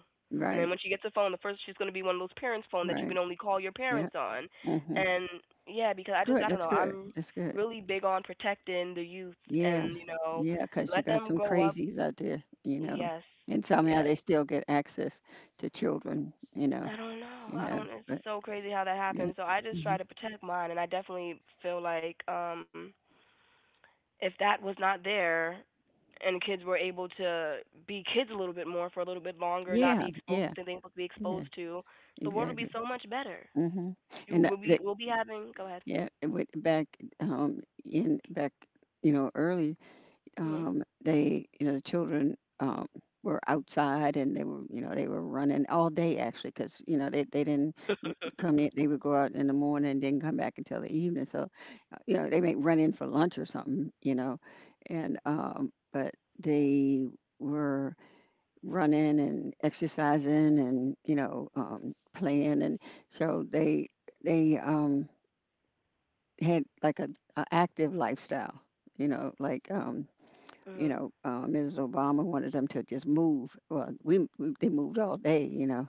S1: And then
S2: right,
S1: when she gets a phone, the first she's gonna be one of those parents' phone that you
S2: right.
S1: can only call your
S2: Yeah.
S1: parents on.
S2: Hmm.
S1: And yeah, because I just
S2: Good.
S1: I don't
S2: That's
S1: know,
S2: good.
S1: I'm
S2: That's good.
S1: really big on protecting the youth
S2: Yeah.
S1: and, you know,
S2: Yeah. Because you
S1: let
S2: got
S1: them
S2: some
S1: grow up.
S2: crazies out there, you know,
S1: Yes.
S2: and somehow
S1: Yes.
S2: they still get access to children, you know.
S1: I don't know. I
S2: Yeah.
S1: don't it's
S2: But
S1: so crazy how that
S2: yeah.
S1: happens. So I just
S2: Hmm.
S1: try to protect mine and I definitely feel like if that was not there and kids were able to be kids a little bit more for a little bit longer, not
S2: Yeah.
S1: be exposed
S2: Yeah.
S1: to things to be
S2: Yeah.
S1: exposed to, the world would be
S2: Exactly.
S1: so much better.
S2: Hmm.
S1: You
S2: And
S1: will be we'll be having. Go ahead.
S2: yeah, it went back, um in back, you know, early,
S1: Mhm.
S2: you know, the children, were outside and they were, you know, they were running all day actually because, you know, they didn't come in. They would go out in the morning and didn't come back until the evening. So, you know, they may run in for lunch or something, you know, and, but they were running and exercising and, you know, playing. And so they had like a active lifestyle, you know, like, you
S1: Mhm.
S2: know, Mrs. Obama wanted them to just move. Well, we they moved all day, you know,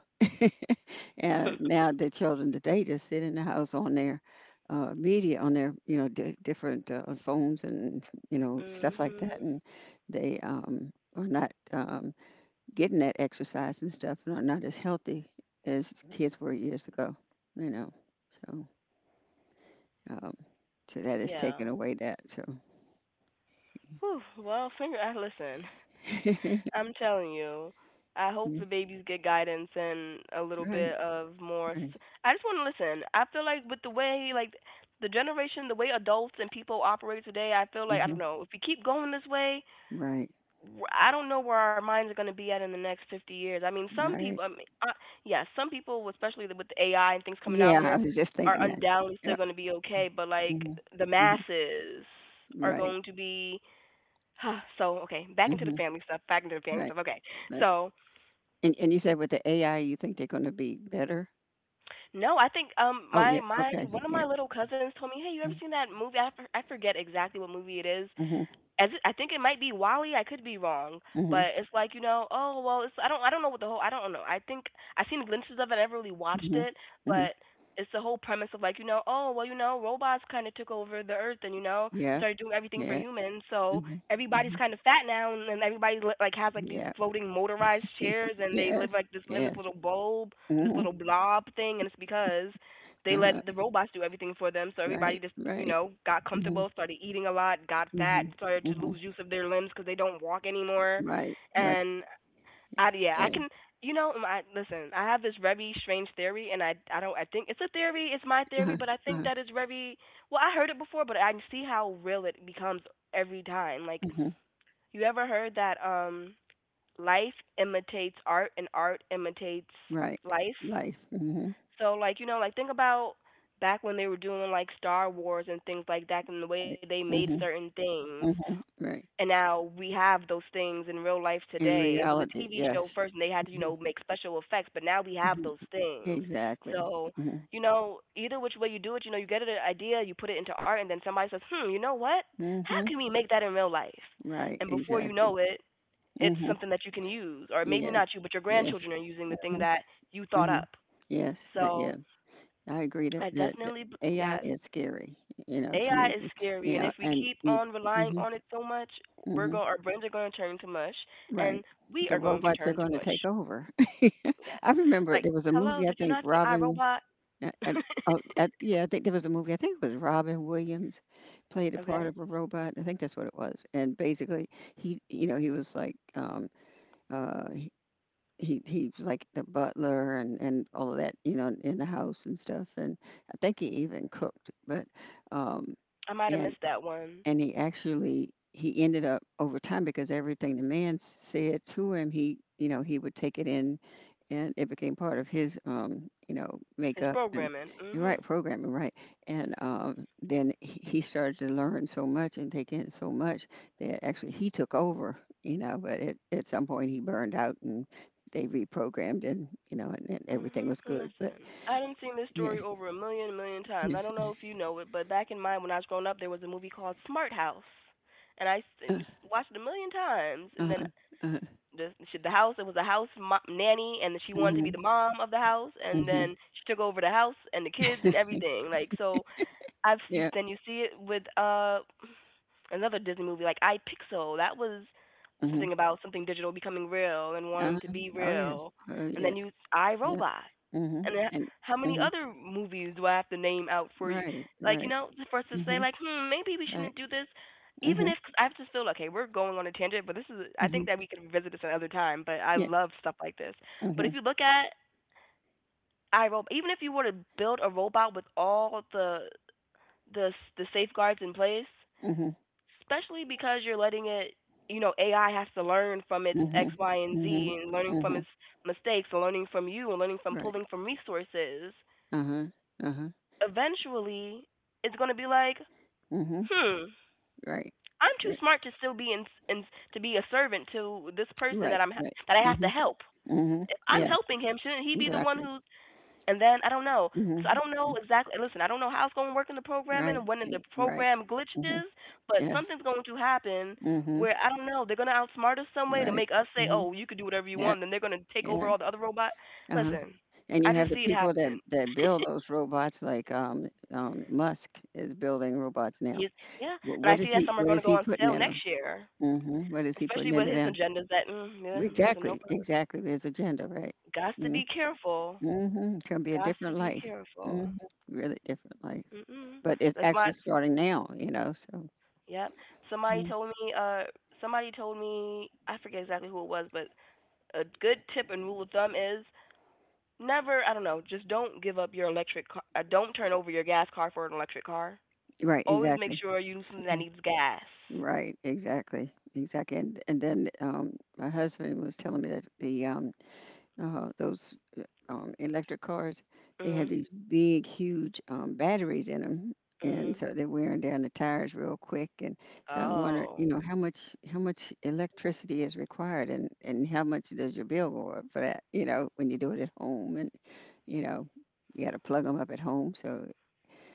S2: and now the children today just sit in the house on their media, on their you know di different phones and you know stuff like that,
S1: Mhm.
S2: and they are not getting that exercise and stuff, and are not as healthy as kids were years ago, you know. So, um, so that is
S1: Yeah.
S2: taking away that. So.
S1: Whew. Well, finger. [LAUGHS] I listen.
S2: [LAUGHS]
S1: I'm telling you. I hope the babies get guidance and a little bit
S2: Right,
S1: of more.
S2: right,
S1: I just want to listen. I feel like with the way like the generation, the way adults and people operate today, I feel like I
S2: hmm,
S1: don't know if we keep going this way,
S2: right,
S1: I don't know where our minds are going to be at in the next 50 years. I mean, some people,
S2: right.
S1: I mean, uh, yeah, some people, especially with the AI and things coming out
S2: Yeah, I
S1: here,
S2: was just
S1: are
S2: thinking that.
S1: undoubtedly
S2: Yeah.
S1: still going to be okay, but like
S2: Mhm.
S1: the
S2: Mhm.
S1: masses are
S2: Right.
S1: going to be. [SIGHS] So okay, back into the
S2: Mhm.
S1: family stuff. Back into the family
S2: Right.
S1: stuff. Okay,
S2: Right.
S1: so
S2: And you said with the AI, you think they're going to be better?
S1: no, I think
S2: Oh
S1: my
S2: yeah.
S1: my
S2: Okay.
S1: one of
S2: Yeah.
S1: my little cousins told me, hey, you ever
S2: Mhm.
S1: seen that movie? I, I forget exactly what movie it is,
S2: Mhm.
S1: as it, I think it might be Wally. I could be wrong,
S2: Mhm.
S1: but it's like you know, oh well, it's I don't know what the whole I don't know. I think I've seen glimpses of it. I never really watched
S2: Mhm.
S1: it,
S2: Mhm.
S1: but it's the whole premise of like you know, oh well, you know, robots kind of took over the earth and you know they
S2: Yeah.
S1: started doing everything for
S2: Yeah.
S1: humans, so
S2: Mhm.
S1: everybody's
S2: Mhm.
S1: kind of fat now and, everybody like has like these
S2: Yeah.
S1: floating motorized chairs
S2: [LAUGHS]
S1: and they live
S2: Yes.
S1: like this in this
S2: Yes.
S1: little bulb, this
S2: Mhm.
S1: little blob thing, and it's because they let
S2: Uh-huh.
S1: the robots do everything for them. So everybody
S2: Right.
S1: just, you
S2: Right.
S1: know, got
S2: Mhm.
S1: comfortable, started eating a lot, got fat,
S2: Mhm.
S1: started to
S2: Mhm.
S1: lose use of their limbs because they don't walk anymore.
S2: Right. Right.
S1: And I, yeah, I
S2: Right.
S1: can, you know, I listen. I have this very strange theory, and I don't, I think it's a theory. It's my theory,
S2: Uh-huh.
S1: but I think
S2: Uh-huh.
S1: that is very well. I heard it before, but I can see how real it becomes every time. Like,
S2: Mhm.
S1: you ever heard that life imitates art, and art imitates
S2: Right.
S1: life?
S2: Life. Mhm.
S1: So like you know like think about back when they were doing like Star Wars and things like that and the way they
S2: Right.
S1: made certain
S2: Mhm.
S1: things
S2: Mhm. Right.
S1: and now we have those things in real life
S2: In
S1: today. It was a
S2: reality,
S1: TV show
S2: yes.
S1: first and they had to you know
S2: Mhm,
S1: make special effects, but now we have
S2: mhm.
S1: those things.
S2: Exactly.
S1: So
S2: Mhm,
S1: you know either which way you do it, you know you get an idea, you put it into art, and then somebody says, hmm, you know what? How
S2: mhm.
S1: can we make that in real life?
S2: Right,
S1: And before you
S2: exactly.
S1: know it. It's
S2: Mhm.
S1: something that you can use, or maybe
S2: Yeah.
S1: not you, but your
S2: Yes.
S1: grandchildren are using the thing
S2: Mm,
S1: that you thought up.
S2: mhm. Yes, that,
S1: So
S2: yeah. I agree that,
S1: I
S2: that that
S1: definitely,
S2: AI
S1: yes.
S2: is scary, to
S1: AI
S2: me.
S1: is
S2: You
S1: scary, and
S2: know,
S1: if we
S2: and
S1: keep
S2: you.
S1: on relying
S2: Mhm,
S1: on it so much,
S2: mhm.
S1: our brains are going to turn to mush,
S2: Right.
S1: and we
S2: The
S1: are going to
S2: robots are
S1: turn to
S2: going to take
S1: mush.
S2: over.
S1: Yes.
S2: [LAUGHS] I remember
S1: Like,
S2: there was a
S1: hello,
S2: movie, I
S1: did you
S2: think
S1: not see iRobot?
S2: Uh, and
S1: [LAUGHS]
S2: oh, yeah, I think there was a movie. I think it was Robin Williams played a part
S1: Okay.
S2: of a robot. I think that's what it was. And basically, he, you know, he was like, um, uh, he, he was like the butler and all of that, you know, in the house and stuff. And I think he even cooked. But, um,
S1: I might have
S2: and
S1: missed that one.
S2: and he actually he ended up over time because everything the man said to him, he, he would take it in, and it became part of his
S1: It's
S2: makeup. And
S1: programming.
S2: you're right,
S1: Mhm.
S2: programming, right. And then he started to learn so much and take in so much that actually he took over, you know. But at some point, he burned out, and they reprogrammed, and you know, and everything
S1: Mhm.
S2: was good, but
S1: Listen, I done seen this
S2: yeah.
S1: story over a million, million times.
S2: Yeah.
S1: I don't know if you know it, but back in my when I was growing up, there was a movie called Smart House, and I s-
S2: uh,
S1: and s- watched it a million times. And then
S2: uh-huh. Uh-huh.
S1: the house. It was a nanny, and she wanted to be
S2: Mhm.
S1: the mom of the house, and
S2: Mhm.
S1: then she took over the house and the kids and everything. Like so, I've you
S2: Yeah.
S1: then you see it with another Disney movie like I Pixel. That was
S2: Mhm.
S1: something about something digital becoming real and wanting to
S2: Uh-huh.
S1: be
S2: Oh, yeah.
S1: real.
S2: Oh,
S1: And
S2: yeah.
S1: then you I
S2: Yep.
S1: Robot.
S2: Mhm.
S1: And then
S2: And
S1: how many
S2: mhm.
S1: other movies do I have to name out for you?
S2: Right,
S1: Like you
S2: right.
S1: know, for us to say
S2: Mhm.
S1: like, hmm, maybe we
S2: Right.
S1: shouldn't do this. Even
S2: Mhm.
S1: if 'cause I just feel okay, we're going on a tangent, but this is I think
S2: Mhm.
S1: that we can visit this another time. But I
S2: Yeah.
S1: love stuff like this. But if you
S2: Mhm.
S1: look at I Robot, even if you were to build a robot with all the the safeguards in place,
S2: Mhm.
S1: especially because you're letting it you know AI has to learn from its x
S2: Mhm.
S1: y and
S2: Mhm. Mhm.
S1: z, and learning from
S2: Mhm.
S1: its mistakes, and learning from you, and learning from
S2: Right.
S1: pulling from resources,
S2: Uh-huh. Uh-huh.
S1: eventually it's going to be like,
S2: Mhm.
S1: hmm,
S2: Right.
S1: I'm too
S2: Right.
S1: smart to still be in, to be a servant to this person
S2: Right.
S1: that
S2: Right.
S1: that I have to
S2: Mhm.
S1: help.
S2: Mhm.
S1: If I'm
S2: Yeah.
S1: helping him, shouldn't he be the one
S2: Exactly.
S1: who's? And then I don't know. So I
S2: Mhm.
S1: don't know exactly. Listen, I don't know how it's going to work in the programming
S2: Right.
S1: and when the
S2: Right.
S1: program glitches,
S2: Mhm.
S1: but
S2: Yes.
S1: something's going to happen
S2: Mhm.
S1: where, I don't know, they're going to outsmart us some way to
S2: Right.
S1: make us say, "Oh,
S2: Mhm.
S1: you could do whatever you
S2: Yeah.
S1: want." Then they're going to take over
S2: Yeah.
S1: all the other robots.
S2: Uh-huh.
S1: Listen,
S2: And
S1: I
S2: you have
S1: just
S2: the
S1: see it
S2: people that
S1: happening.
S2: build those robots, like Musk is building robots now.
S1: Yes, yeah, and I see that some are
S2: What
S1: going to
S2: is
S1: go
S2: he
S1: on
S2: putting
S1: sale
S2: in them?
S1: next year,
S2: Mm-hmm. What is he
S1: especially
S2: putting
S1: with
S2: into
S1: his
S2: them?
S1: agendas. That yeah, listen, no
S2: Exactly,
S1: problem.
S2: exactly. His agenda, right?
S1: Got to
S2: Mm-,
S1: be careful.
S2: Mm-hmm. It's gonna be a
S1: Got to
S2: different
S1: be
S2: life.
S1: careful.
S2: hmm Really different life.
S1: Mm-mm.
S2: But it's
S1: That's
S2: actually
S1: why.
S2: starting now. You know. So.
S1: Yep. Somebody
S2: Mhm.
S1: told me somebody told me, I forget exactly who it was, but a good tip and rule of thumb is, never, I don't know, just don't give up your electric car. Don't turn over your gas car for an electric car.
S2: Right.
S1: Always make
S2: Exactly.
S1: sure you use something that
S2: Hmm.
S1: needs gas.
S2: Right. Exactly. Exactly. And then my husband was telling me that the those electric cars, they have
S1: Mhm.
S2: these big, huge batteries in them, and
S1: Mhm.
S2: so they're wearing down the tires real quick. And so I'm wondering, you
S1: Oh.
S2: know, how much electricity is required, and how much does your bill go up for that? You know, when you do it at home, and you know, you got to plug them up at home. So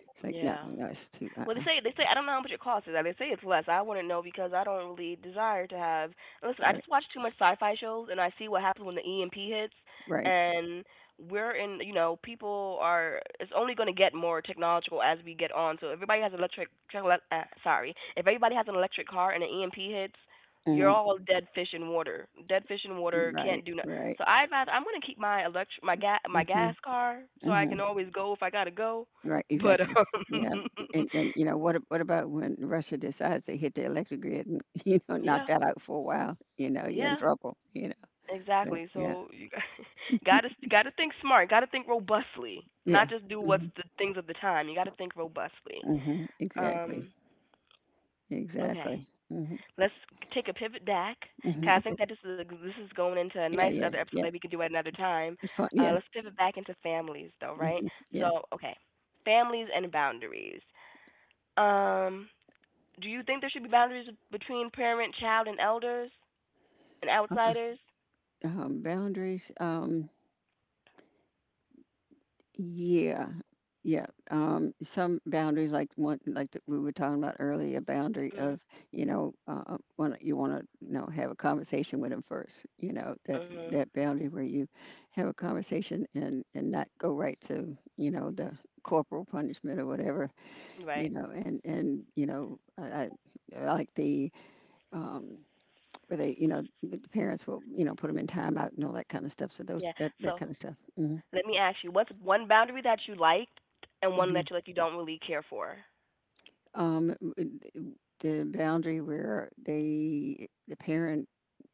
S2: it's like, no,
S1: Yeah.
S2: no, it's too, uh,
S1: Well,
S2: uh
S1: they say, I don't know how much it costs, is that they say it's less? I wouldn't know because I don't really desire to have. Listen, I
S2: Right,
S1: just watch too much sci-fi shows, and I see what happens when the EMP hits.
S2: right.
S1: And we're in, you know, people are. It's only going to get more technological as we get on. So if everybody has sorry, if everybody has an electric car and an EMP hits, you're
S2: Mm,
S1: all dead fish in water. Dead fish in water
S2: right,
S1: can't do nothing.
S2: right. Right.
S1: So I advise. I'm going to keep my electric my
S2: Mm-hmm,
S1: gas car so I
S2: mm-hmm.
S1: can always go if I gotta go.
S2: Right,
S1: But
S2: exactly. Yeah, and
S1: [LAUGHS]
S2: you know what? What about when Russia decides to hit the electric grid and [LAUGHS] knock
S1: yeah,
S2: that out for a while? You know, you're in
S1: yeah,
S2: trouble. You know, but
S1: exactly.
S2: yeah.
S1: So you [LAUGHS]
S2: Mm,
S1: gotta think smart, gotta think robustly, not
S2: yeah.
S1: just do what's
S2: Hmm.
S1: the things of the time. You gotta think robustly.
S2: Hmm, exactly,
S1: Um, okay,
S2: exactly. Hmm,
S1: let's take a pivot back, 'cause
S2: hmm.
S1: I
S2: Okay,
S1: think that this is going into a nice
S2: yeah,
S1: other
S2: yeah,
S1: episode that
S2: yeah.
S1: we could do at another time.
S2: Fun, yeah.
S1: Let's pivot back into families though, right?
S2: Hmm. Yes.
S1: So okay, families and boundaries. Um, do you think there should be boundaries between parent, child, and elders and
S2: Uh-uh.
S1: outsiders?
S2: Boundaries. Yeah, yeah. Some boundaries, like one, like that we were talking about earlier, a boundary
S1: Mhm.
S2: of you want to have a conversation with them first. You know that,
S1: Mhm.
S2: that boundary where you have a conversation, and not go right to the corporal punishment or whatever.
S1: Right.
S2: You know, and I like the um, where they you know the parents will put them in timeout and all that kind of stuff. So
S1: Yeah.
S2: those that that
S1: So
S2: kind of stuff.
S1: let me ask you, what's one boundary that you liked and one that you like you don't really care for?
S2: W- w- the boundary where the parent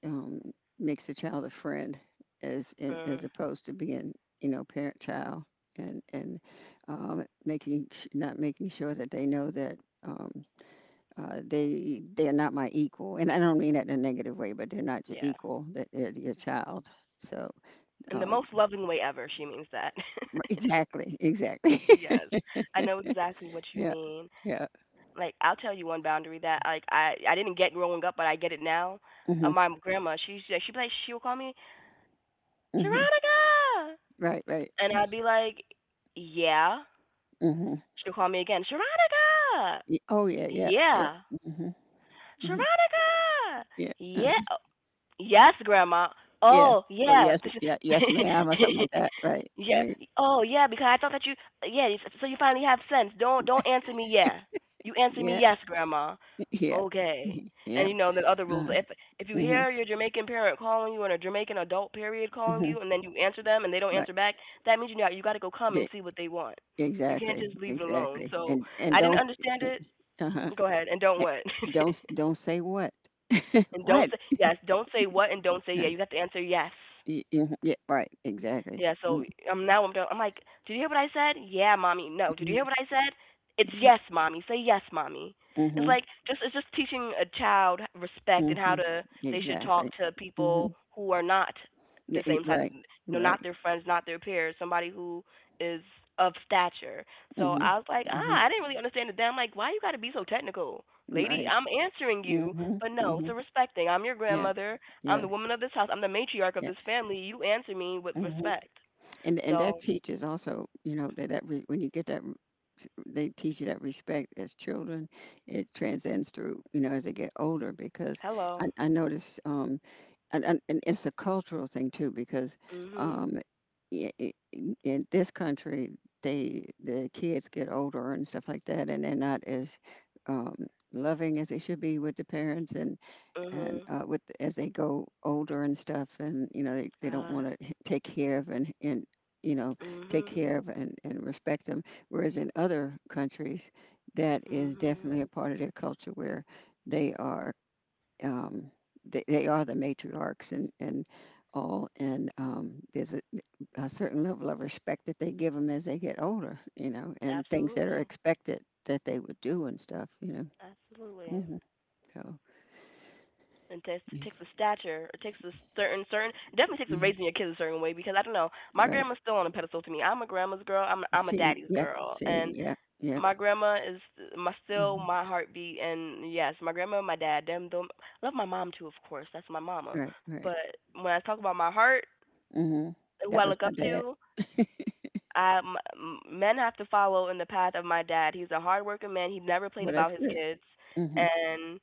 S2: um, makes the child a friend, as
S1: Mm,
S2: opposed to being, you know, parent child, and making not making sure that they know that. Um, they are not my equal, and I don't mean that in a negative way, but they're not your
S1: yeah.
S2: equal. That they're your child. So
S1: In the
S2: um,
S1: most loving way ever, she means that.
S2: exactly,
S1: [LAUGHS]
S2: exactly.
S1: Yes. I know exactly what you
S2: [LAUGHS] yeah,
S1: mean.
S2: yeah.
S1: Like I'll tell you one boundary that like I didn't get growing up, but I get it now.
S2: Hmm.
S1: My grandma, she she'd be like she'll call me
S2: Hmm.
S1: Sharonica,
S2: Right, right.
S1: and I'd be like, yeah.
S2: Hmm.
S1: She'll call me again, Sharonica.
S2: Y Oh, yeah, yeah, yeah.
S1: Yeah.
S2: Mhm. Mhm.
S1: Sharonica.
S2: Yeah.
S1: Yeah. Yes, grandma.
S2: Yes.
S1: Oh,
S2: Oh,
S1: yeah.
S2: yes,
S1: So
S2: yeah,
S1: she-
S2: yes, ma'am, or something like that, right,
S1: [LAUGHS] yeah.
S2: right.
S1: Oh, yeah, because I thought that you yeah, so you finally have sense. Don't answer me yeah. You answer me
S2: Yeah,
S1: yes, grandma.
S2: yeah.
S1: Okay.
S2: Mhm. Yeah,
S1: And you know, the other rules.
S2: uh-huh.
S1: If you
S2: Mhm,
S1: hear your Jamaican parent calling you and a Jamaican adult period calling
S2: mhm.
S1: you and then you answer them and they don't
S2: Right.
S1: answer back, that means you know you got to go come and
S2: D
S1: see what they want. You can't
S2: Exactly,
S1: just leave it alone.
S2: exactly,
S1: So,
S2: and
S1: I didn't
S2: don't s
S1: understand
S2: eh
S1: it.
S2: Uh-huh.
S1: Go ahead and don't
S2: Eh,
S1: what. [LAUGHS]
S2: don't say what.
S1: And don't
S2: "What?"
S1: say yes. Don't say what and don't say
S2: Uh,
S1: yeah. You have to answer yes.
S2: y Mhm, yeah, right, exactly.
S1: Yeah. So
S2: Mhm,
S1: now I'm done. I'm like, did you hear what I said? Yeah, mommy. No. Did you hear
S2: mhm,
S1: what I said? It's yes, mommy. Say yes, mommy. It's
S2: mhm,
S1: like just it's just teaching a child respect and how
S2: mhm.
S1: to they should talk
S2: Exactly.
S1: to people
S2: Mhm.
S1: who are not
S2: Yeah,
S1: the same type, of,
S2: right,
S1: you know, not
S2: right.
S1: their friends, not their peers, somebody who is of stature. So
S2: Mhm,
S1: I was like, ah,
S2: mhm,
S1: I didn't really understand it. Then I'm like, why you got to be so technical, lady?
S2: right.
S1: I'm answering you,
S2: Mhm,
S1: but no, it's a
S2: mhm.
S1: respect thing. I'm your
S2: Yeah,
S1: grandmother. I'm the
S2: yes,
S1: woman of this house. I'm the matriarch of this
S2: yes.
S1: family. You answer me with
S2: Mhm.
S1: respect.
S2: And that
S1: So,
S2: teaches also, you know, when you get that, they teach you that respect as children. It transcends through, you know, as they get older because I,
S1: hello.
S2: I notice, and, and it's a cultural thing too because,
S1: Mhm.
S2: um, in this country, the kids get older and stuff like that, and they're not as um, loving as they should be with the parents, and
S1: Mhm.
S2: with as they go older and stuff, and you know they don't want
S1: Ah.
S2: to take care of, and you know, take
S1: Mhm.
S2: care of and respect them. Whereas in other countries, that is
S1: Mhm.
S2: definitely a part of their culture where they are um, they are the matriarchs, and all, and there's a, certain level of respect that they give them as they get older, you know, and things that are
S1: Absolutely.
S2: expected that they would do and stuff, you know.
S1: Absolutely.
S2: hmm So,
S1: And it
S2: yeah.
S1: takes a stature. It takes a certain certain. It definitely takes a
S2: Mhm.
S1: raising your kids a certain way because I don't know. My
S2: Right.
S1: grandma's still on a pedestal to me. I'm a grandma's girl. I'm a daddy's girl.
S2: See,
S1: And
S2: yep, yep.
S1: my grandma is my still
S2: Mhm.
S1: my heartbeat, and yes, my grandma and my dad, them love my mom too, of course, that's my mama,
S2: Right, right.
S1: but when I talk about my heart,
S2: Mhm.
S1: who
S2: That
S1: I
S2: was
S1: look
S2: my
S1: up
S2: dad.
S1: to,
S2: [LAUGHS]
S1: I, m- m- men have to follow in the path of my dad. He's a hardworking man, he never played
S2: Well,
S1: about
S2: that's
S1: his
S2: good.
S1: kids,
S2: Mhm,
S1: and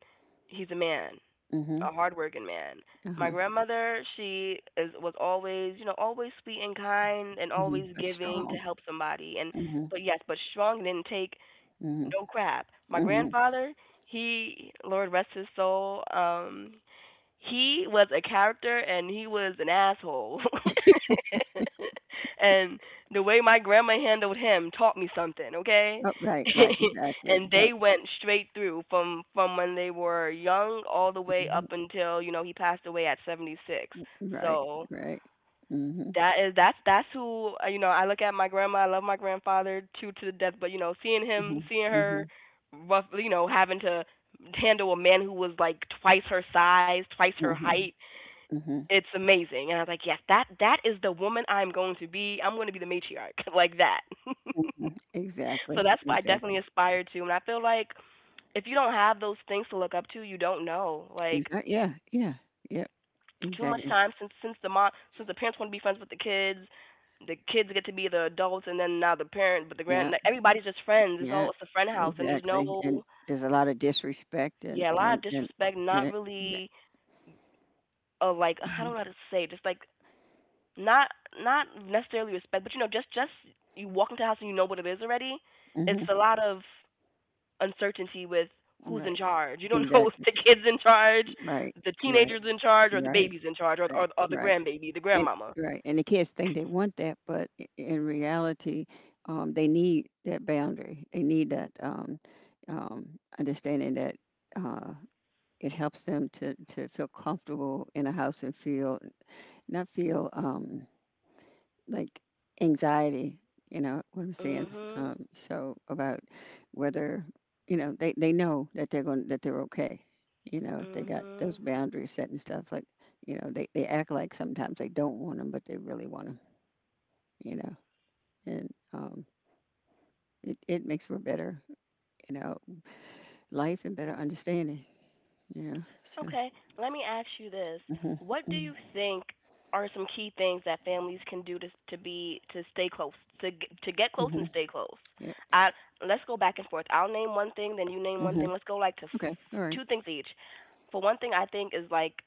S1: he's a man,
S2: mhm.
S1: a hardworking man. My
S2: Uh-huh.
S1: grandmother, she is was always, you know, always sweet and kind and
S2: Mhm.
S1: always
S2: But
S1: giving to
S2: strong.
S1: help somebody, and
S2: Mhm,
S1: but yes, but strong, and didn't take
S2: mhm,
S1: no crap. My
S2: mhm.
S1: grandfather, he, Lord rest his soul, he was a character, and he was an asshole. [LAUGHS] And the way my grandma handled him taught me something, okay?
S2: Oh,
S1: [LAUGHS]
S2: right, right, exactly.
S1: And
S2: So,
S1: they went straight through from when they were young all the way
S2: mhm.
S1: up until, you know, he passed away at 76.
S2: Right,
S1: So,
S2: right. Mhm,
S1: that is that's who, you know, I look at my grandma, I love my grandfather to the death, but you know, seeing him,
S2: mhm,
S1: seeing her
S2: mhm,
S1: rough, you know, having to handle a man who was like twice her size, twice her
S2: mhm,
S1: height,
S2: mhm,
S1: it's amazing, and I was like, yes, that is the woman I'm going to be. I'm going to be the matriarch [LAUGHS] like that. [LAUGHS]
S2: mhm.
S1: So
S2: Exactly,
S1: that's what I
S2: exactly.
S1: definitely aspire to, and I feel like if you don't have those things to look up to, you don't know, like
S2: Exactly. Yeah, yeah, yep,
S1: too much
S2: exactly.
S1: time since the mom, since the parents want to be friends with the kids, the kids get to be the adults, and then now the parent, but the grand,
S2: Yeah,
S1: like, everybody's just friends, it's
S2: yeah,
S1: all, it's a friend house, and there's
S2: exactly. And
S1: no,
S2: there's a lot of disrespect,
S1: yeah, a lot
S2: and
S1: of disrespect,
S2: and
S1: not
S2: it
S1: really, uh, like how
S2: Mhm,
S1: do I just say, just like not, not necessarily respect, but you know, just you walk into the house and you know what it is already. It's
S2: mhm.
S1: a lot of uncertainty with who's in
S2: Right.
S1: charge. You don't know [LAUGHS] if
S2: Exactly.
S1: the kids in charge,
S2: Right.
S1: the
S2: Right.
S1: teenagers in charge, or the
S2: Right.
S1: baby's in charge, or
S2: Right.
S1: or the
S2: Right.
S1: grandbaby, the
S2: And
S1: grandmama.
S2: right. And the kids think they want that, but in reality, they need that boundary. They need that understanding that uh, it helps them to feel comfortable in a house, and feel not feel like anxiety, you know what I'm saying?
S1: Mhm.
S2: Um so about whether you know they know that they're going that they're okay, you know, if they got those
S1: Mhm.
S2: boundaries set and stuff. Like, you know, they, act like sometimes they don't want them, but they really want them, you know. And it, makes for better, you know, life and better understanding, you know. So
S1: Okay, let me ask you this.
S2: mhm,
S1: What do
S2: mhm,
S1: you think are some key things that families can do to be to stay close, to to get close and
S2: mhm,
S1: stay close?
S2: yep,
S1: I Let's go back and forth. I'll name one thing, then you name one thing.
S2: mhm,
S1: Let's go like to
S2: okay, all right,
S1: two things each. For one thing, I think is like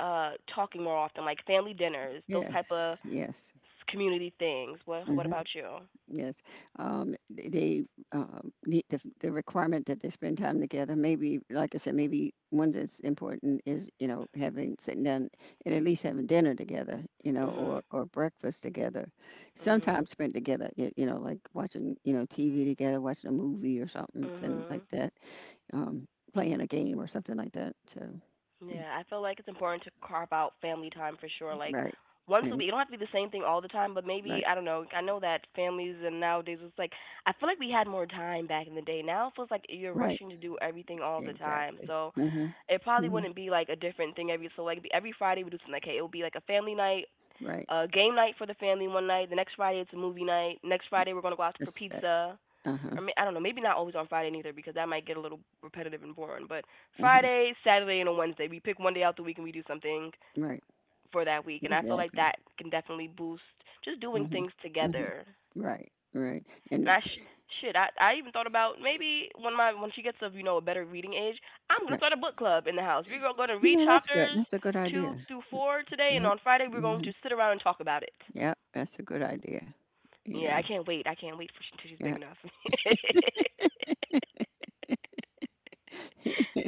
S1: talking more often, like family dinners, those
S2: yes,
S1: type of
S2: yes,
S1: community things. What
S2: mhm.
S1: about you?
S2: Yes, th- they need the, requirement that they spend time together. Maybe, like I said, maybe one that's important is you know having, sitting down and at least having dinner together, you know, or
S1: Mhm.
S2: breakfast together.
S1: Mhm.
S2: Sometimes spent together, you know, like watching you know TV together, watching a movie or something like
S1: Mhm.
S2: that, um, playing a game or something like that. So, mm,
S1: Yeah, I feel like it's important to carve out family time for sure. Like
S2: right,
S1: once a
S2: right,
S1: week, it don't have to be the same thing all the time, but maybe
S2: right,
S1: I don't know. I know that families and nowadays it's like I feel like we had more time back in the day. Now it feels like you're
S2: right,
S1: rushing to do everything all the time.
S2: exactly.
S1: So
S2: Mhm,
S1: it probably
S2: mhm,
S1: wouldn't be like a different thing every. So like it'd be every Friday we do something like hey, it would be like a family night,
S2: right.
S1: a game night for the family one night. The next Friday it's a movie night. Next Friday we're gonna go out for
S2: That's that.
S1: pizza
S2: Uh
S1: or may, I don't know, maybe not always on Friday neither because that might get a little repetitive and boring. But
S2: huh.
S1: Friday, Saturday, and a Wednesday, we pick one day out the week and we do something
S2: Right.
S1: for that week, and I feel like
S2: Exactly.
S1: that can definitely boost just doing
S2: Mhm.
S1: things
S2: Mhm.
S1: together.
S2: Right. Right.
S1: And
S2: And
S1: shit, I even thought about maybe when my when she gets of you know a better reading age, I'm gonna
S2: right.
S1: start a book club in the house. Gonna
S2: You
S1: read
S2: know, that's good.
S1: chapters
S2: That's a good idea.
S1: two through four today, and
S2: Yep.
S1: on Friday we're going
S2: Mhm.
S1: to sit around and talk about it.
S2: Yep. That's a good idea. You
S1: Yeah,
S2: know.
S1: I can't wait. I can't wait for she, until she's big
S2: Yeah.
S1: enough. [LAUGHS]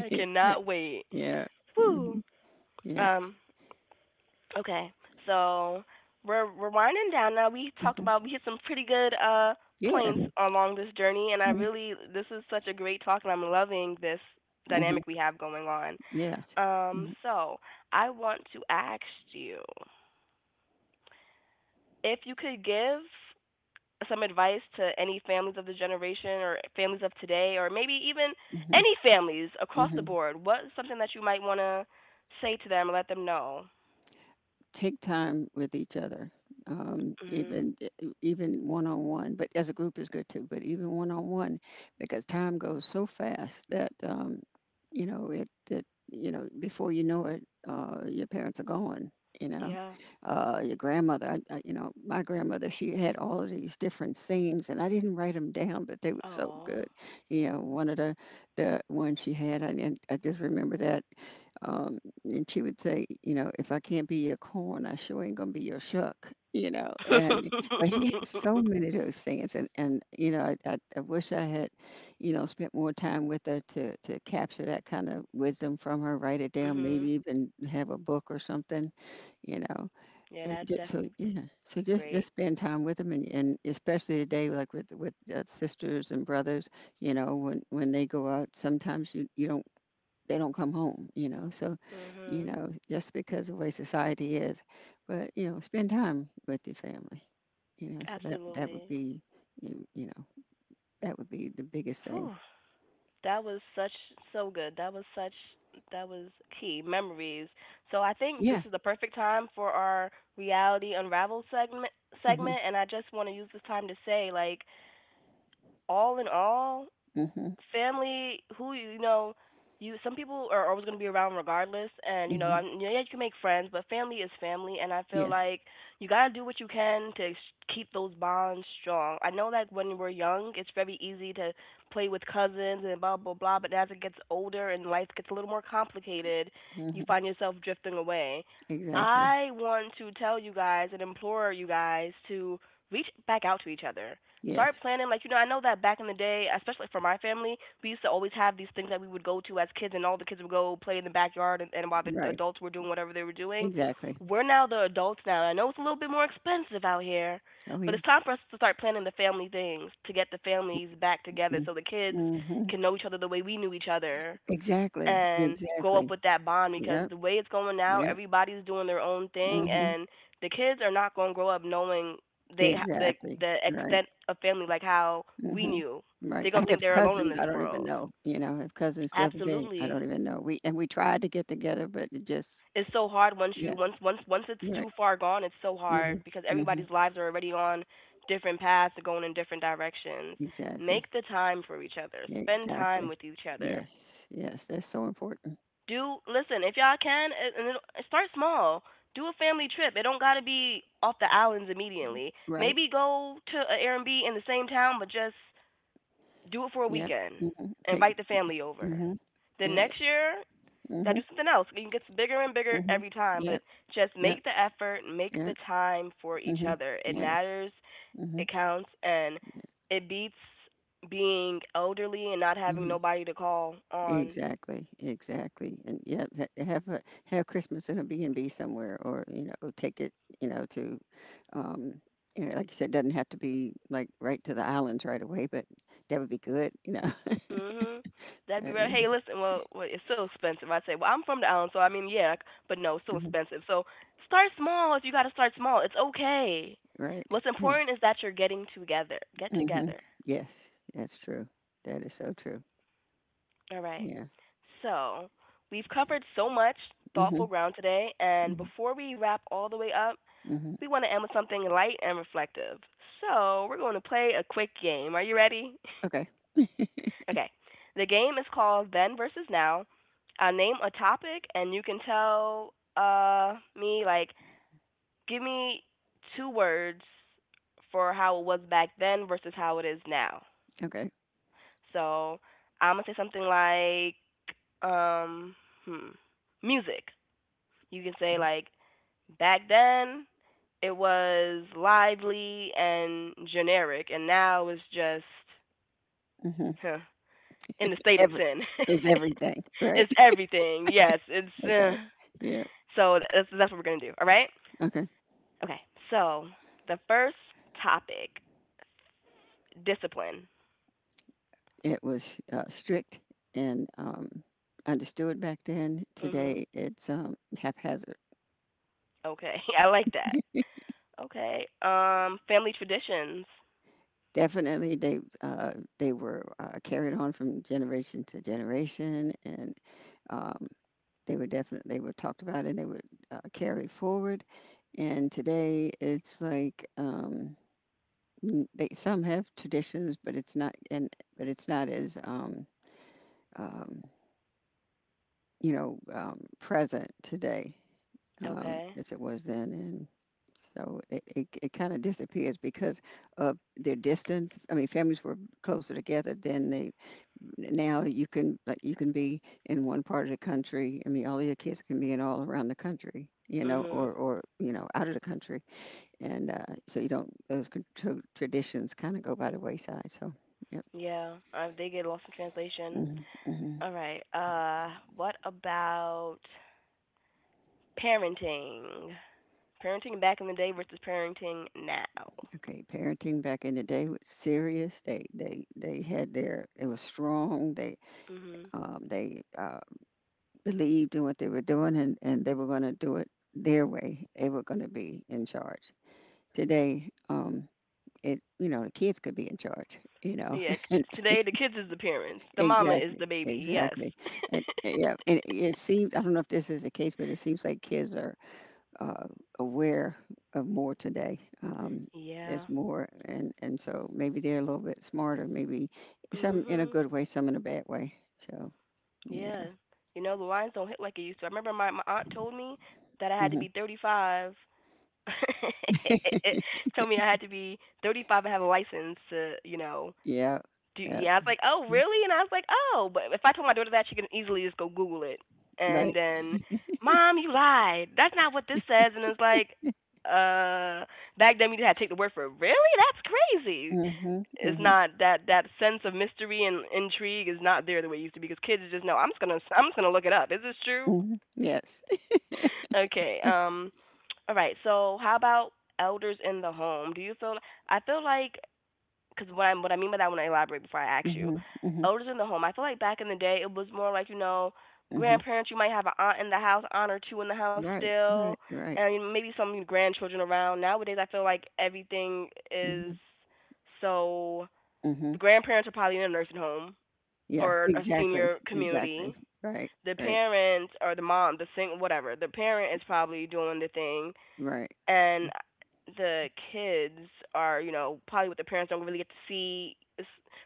S1: I cannot wait.
S2: yeah.
S1: Woo.
S2: Mhm. Yeah.
S1: Um, okay. So we're winding down now. We talked
S2: Mhm.
S1: about we hit some pretty good points
S2: Yeah.
S1: along this journey and I
S2: Mhm.
S1: really this is such a great talk and I'm loving this
S2: Mhm.
S1: dynamic we have going on.
S2: Yes.
S1: Um,
S2: Mhm.
S1: so I want to ask you if you could give some advice to any families of the generation or families of today or maybe even
S2: Mhm.
S1: any families across the
S2: Mhm.
S1: board, what's something that you might want to say to them or let them know?
S2: Take time with each other,
S1: Mhm.
S2: even one on one. But as a group is good too. But even one on one, because time goes so fast that you know it, it. You know, before you know it, your parents are gone. You know,
S1: Yeah.
S2: your grandmother. You know, my grandmother. She had all of these different things, and I didn't write them down, but they were so good.
S1: Oh.
S2: You know, one of the ones she had, and I just remember that. Um, and she would say, you know, "If I can't be your corn, I sure ain't gonna be your shuck," you know. And
S1: [LAUGHS]
S2: but she had so many of those things, and you know, I wish I had, you know, spent more time with her to capture that kind of wisdom from her, write it down, maybe
S1: mhm.
S2: even have a book or something, you know,
S1: Yeah,
S2: and
S1: that'd
S2: just, so
S1: definitely
S2: yeah,
S1: be
S2: so
S1: great.
S2: just spend time with them, and especially today, like with sisters and brothers, you know, when they go out, sometimes you don't, they don't come home, you know. So, you
S1: Mhm.
S2: know, just because of the way society is, but you know, spend time with your family, you know. So that, that would
S1: Absolutely.
S2: be, you know, that would be the biggest thing.
S1: Whew. That was such so good. That was such that was key memories. So I think this
S2: Yeah.
S1: is the perfect time for our reality unravel
S2: Mhm.
S1: segment and I just want to use this time to say like all in all,
S2: Mhm.
S1: family who you know you some people are always going to be around regardless and you know I
S2: Mhm.
S1: yeah you can make friends but family is family and I feel
S2: Yes.
S1: like you got to do what you can to keep those bonds strong I know like when we're young it's very easy to play with cousins and blah blah blah but as it gets older and life gets a little more complicated you
S2: Mhm.
S1: find yourself drifting away
S2: Exactly.
S1: I want to tell you guys and implore you guys to reach back out to each other. Start
S2: Yes.
S1: planning. Like, you know, I know that back in the day, especially for my family, we used to always have these things that we would go to as kids, and all the kids would go play in the backyard, and, while the
S2: Right.
S1: adults were doing whatever they were doing.
S2: Exactly.
S1: We're now the adults now. I know it's a little bit more expensive out here,
S2: Oh
S1: but
S2: yeah.
S1: it's time for us to start planning the family things to get the families back together
S2: Mm.
S1: so the kids
S2: Mhm.
S1: can know each other the way we knew each other
S2: Exactly.
S1: and grow up
S2: Exactly.
S1: with that bond because
S2: Yep.
S1: the way it's going now,
S2: Yep.
S1: everybody's doing their own thing,
S2: Mhm.
S1: and the kids are not going to grow up knowing they the
S2: Exactly. Right.
S1: extent of family like how we
S2: Mhm.
S1: knew.
S2: Right.
S1: They're
S2: I
S1: going to think
S2: have
S1: they're alone in
S2: cousins I
S1: this
S2: don't even
S1: world.
S2: know, you know, I have cousins still today I don't
S1: Absolutely.
S2: even know. We, and we tried to get together, but it just
S1: It's so hard once
S2: yeah,
S1: you once it's
S2: right.
S1: too far gone, it's so
S2: Mhm.
S1: hard because
S2: Mhm.
S1: everybody's lives are already on different paths and going in different directions.
S2: Exactly.
S1: Make the time for each other. Spend time
S2: Exactly.
S1: with each other
S2: Yes. Yes, that's so important.
S1: do listen if y'all can and it'll, start small do a family trip it don't got to be off the islands immediately
S2: Right.
S1: maybe go to an airbnb in the same town but just do it for a
S2: Yeah.
S1: weekend
S2: Mhm. Take
S1: invite the family over
S2: Mhm.
S1: then
S2: Yeah.
S1: next year gotta
S2: Mhm.
S1: do something else it gets bigger and bigger
S2: Mhm.
S1: every time
S2: Yeah.
S1: but just
S2: Yeah.
S1: make the effort make
S2: Yeah.
S1: the time for each
S2: Mhm.
S1: other it
S2: Yes.
S1: matters
S2: Mhm.
S1: it counts and
S2: Yeah.
S1: it beats being elderly and not having
S2: Mhm.
S1: nobody to call on.
S2: Exactly, exactly, and yeah, have Christmas in a B and B somewhere, or take it, you know, to, um, like you said, doesn't have to be like right to the islands right away, but that would be good. [LAUGHS]
S1: Mhm. That'd
S2: But,
S1: be right.
S2: yeah.
S1: Hey, listen. Well, well, it's still expensive. I'd say. Well, I'm from the island, so I mean, yeah. But no, it's still
S2: Mhm.
S1: expensive. So start small. If you got to start small, it's okay.
S2: Right.
S1: What's
S2: Right.
S1: important is that you're getting together. Get
S2: Mm-hmm.
S1: together.
S2: Yes, that's true. That is so true.
S1: All right.
S2: Yeah.
S1: So we've covered so much
S2: Mm-hmm.
S1: thoughtful ground today, and
S2: Mm-hmm.
S1: before we wrap all the way up,
S2: Hmm.
S1: we want to end with something light and reflective. So we're going to play a quick game. Are you ready?
S2: Okay. [LAUGHS]
S1: Okay. The game is called Then versus Now. I'll name a topic, and you can tell me like give me two words for how it was back then versus how it is now.
S2: Okay.
S1: So I'm gonna say something like um hmm music. You can say like back then it was lively and generic, and now it's just
S2: Mm-hmm.
S1: huh, in the state it's
S2: Every
S1: in. [LAUGHS]
S2: is everything, right?
S1: It's everything. Yes, it's
S2: [LAUGHS] Okay. Yeah.
S1: so that's what we're gonna do. All right.
S2: Okay.
S1: Okay. So the first topic, discipline.
S2: It was strict and understood back then.
S1: Mhm.
S2: Today, it's haphazard.
S1: Okay. [LAUGHS] I like that. Okay. Family traditions.
S2: Definitely, they were carried on from generation to generation, and um, they were definitely they were talked about and they were carried forward. And today, it's like they some have traditions, but it's not as um, present today
S1: Okay.
S2: as it was then, and so it kind of disappears because of their distance. I mean, families were closer together than they now. You can Like you can be in one part of the country. I mean, all of your kids can be in all around the country, you know,
S1: Mhm.
S2: or out of the country, and so you don't those traditions kind of go by the wayside. So. Yep.
S1: Yeah. They get lost in translation.
S2: Hmm. Hmm.
S1: All right. What about parenting? Parenting back in the day versus parenting now.
S2: Okay. Parenting back in the day was serious. They had their, it was strong. They
S1: Mhm.
S2: um, they uh, believed in what they were doing, and they were going to do it their way. They were going to be in charge. Today, it you know the kids could be in charge. You know.
S1: Yeah, t- today the kids is the parents.
S2: [LAUGHS]
S1: The mama is
S2: Exactly,
S1: the baby. Yes.
S2: exactly. And yeah, and it seems I don't know if this is the case, but it seems like kids are uh, aware of more today. There's
S1: Yeah.
S2: more, and so maybe they're a little bit smarter. Maybe some in a
S1: Mhm.
S2: good way, some in a bad way. So yeah.
S1: Yeah. You know the lines don't hit like it used to. I remember my aunt told me that I had to
S2: Hmm.
S1: be 35. [LAUGHS] Told me I had to be 35 and have a license to, you know,
S2: Yeah,
S1: do.
S2: yeah.
S1: Yeah, I was like, oh really? And I was like, oh, but if I told my daughter that, she could easily just go Google it. And
S2: Right.
S1: then, mom, you lied. That's not what this says. And it's like, uh, back then we just had to take the word for it. Really? That's crazy.
S2: Mhm.
S1: It's
S2: Mhm.
S1: not that that sense of mystery and intrigue is not there the way it used to be because kids just know I'm just gonna look it up. Is this true?
S2: Mhm. Yes.
S1: Okay. All right. So how about elders in the home? Do you feel I feel like because what I mean by that when I want to elaborate before I ask you,
S2: Mhm. Mhm.
S1: elders in the home. I feel like back in the day it was more like you know
S2: Mhm.
S1: grandparents. You might have an aunt in the house, aunt or two in the house
S2: Right.
S1: still,
S2: Right. Right.
S1: and maybe some grandchildren around. Nowadays I feel like everything is
S2: Mhm.
S1: so the
S2: Mhm.
S1: grandparents are probably in a nursing home
S2: Yeah.
S1: or a
S2: Exactly.
S1: senior
S2: Exactly.
S1: community.
S2: Right.
S1: The
S2: Right.
S1: parents or the mom, the sing whatever, the parent is probably doing the thing,
S2: Right.
S1: and the kids are you know probably what the parents don't really get to see.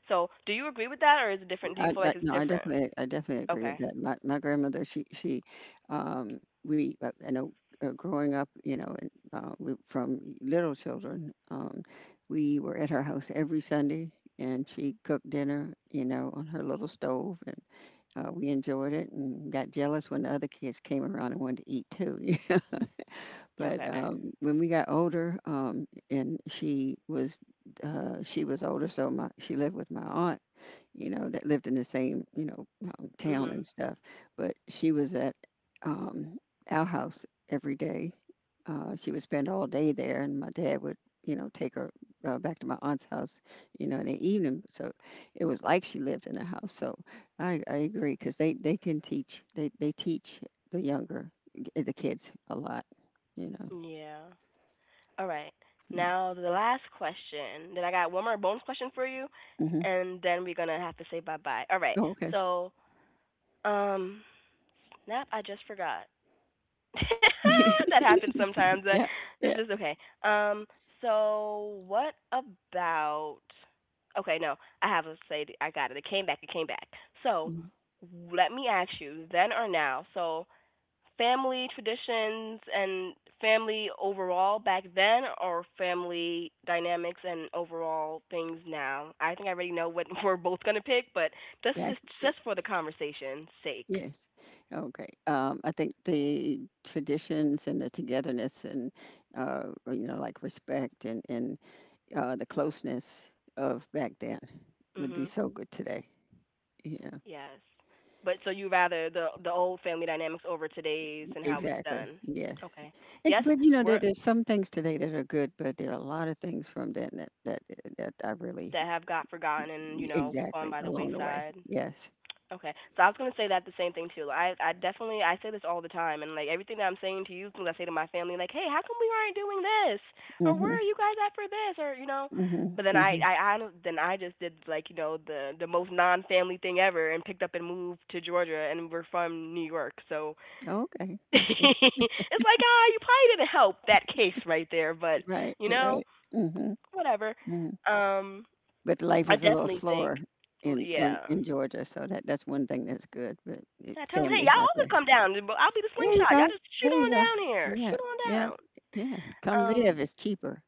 S1: So, do you agree with that, or is it different? Do
S2: Yeah,
S1: you
S2: I,
S1: feel like
S2: but
S1: it's
S2: no, I
S1: different?
S2: definitely, I definitely agree with
S1: Okay.
S2: that. My grandmother, I know, growing up, you know, and we from little children, we were at her house every Sunday, and she cooked dinner, on her little stove, we enjoyed it and got jealous when the other kids came around and wanted to eat too. [LAUGHS] But
S1: Okay.
S2: when we got older, and she was older, so my she lived with my aunt, that lived in the same, town
S1: Mhm.
S2: and stuff. But she was at um, our house every day. She would spend all day there, and my dad would, take her back to my aunt's house, in the evening. So it was like she lived in a house. So I agree because they can teach. They teach the younger, the kids a lot, you know.
S1: Yeah. All right. Now the last question. Then I got one more bonus question for you,
S2: Mm-hmm.
S1: and then we're gonna have to say bye bye. All right.
S2: Oh, okay.
S1: So, um, Nap, I just forgot. [LAUGHS] That happens sometimes.
S2: [LAUGHS] Yeah.
S1: It's
S2: Yeah.
S1: just okay. Um, so what about? Okay, no, I have to say. I got it. It came back. It came back. So
S2: Mm.
S1: let me ask you, then or now? So family traditions and family overall back then, or family dynamics and overall things now? I think I already know what [LAUGHS] we're both gonna pick, but that's
S2: Back.
S1: just for the conversation's sake.
S2: Yes. Okay. I think the traditions and the togetherness and or, you know, like respect and the closeness of back then would be
S1: Mhm.
S2: so good today. Yeah.
S1: Yes. But so you rather the old family dynamics over today's and how it's
S2: Exactly.
S1: done.
S2: Yes.
S1: Okay.
S2: And
S1: Yes,
S2: but you know,
S1: we're
S2: there's some things today that are good, but there are a lot of things from then that I really
S1: that have got forgotten and, you know, gone
S2: exactly
S1: by the
S2: along the way.
S1: wayside.
S2: Yes.
S1: Okay. So I was gonna say that the same thing too. I definitely I say this all the time and like everything that I'm saying to you things I say to my family, like, hey, how come we aren't doing this? Or where
S2: Mhm.
S1: are you guys at for this? Or you know
S2: Mhm.
S1: but then
S2: Mhm.
S1: I then I just did like, you know, the most non family thing ever and picked up and moved to Georgia and we're from New York, so
S2: Okay.
S1: [LAUGHS] it's
S2: Okay.
S1: like, ah, you probably didn't help that case right there, but
S2: Right.
S1: you know,
S2: Right. Mhm.
S1: whatever. Um,
S2: But life
S1: I
S2: is a little
S1: definitely think,
S2: slower in in,
S1: yeah.
S2: in Georgia, so that's one thing that's good. But
S1: I tell him, hey, y'all
S2: family's not
S1: all
S2: there.
S1: could come down. I'll be the
S2: There you
S1: slingshot. Y'all
S2: go.
S1: just shoot
S2: There you
S1: on
S2: go.
S1: down here. Shoot
S2: Yeah,
S1: on
S2: yeah,
S1: down.
S2: yeah. Come
S1: Um,
S2: live. It's cheaper.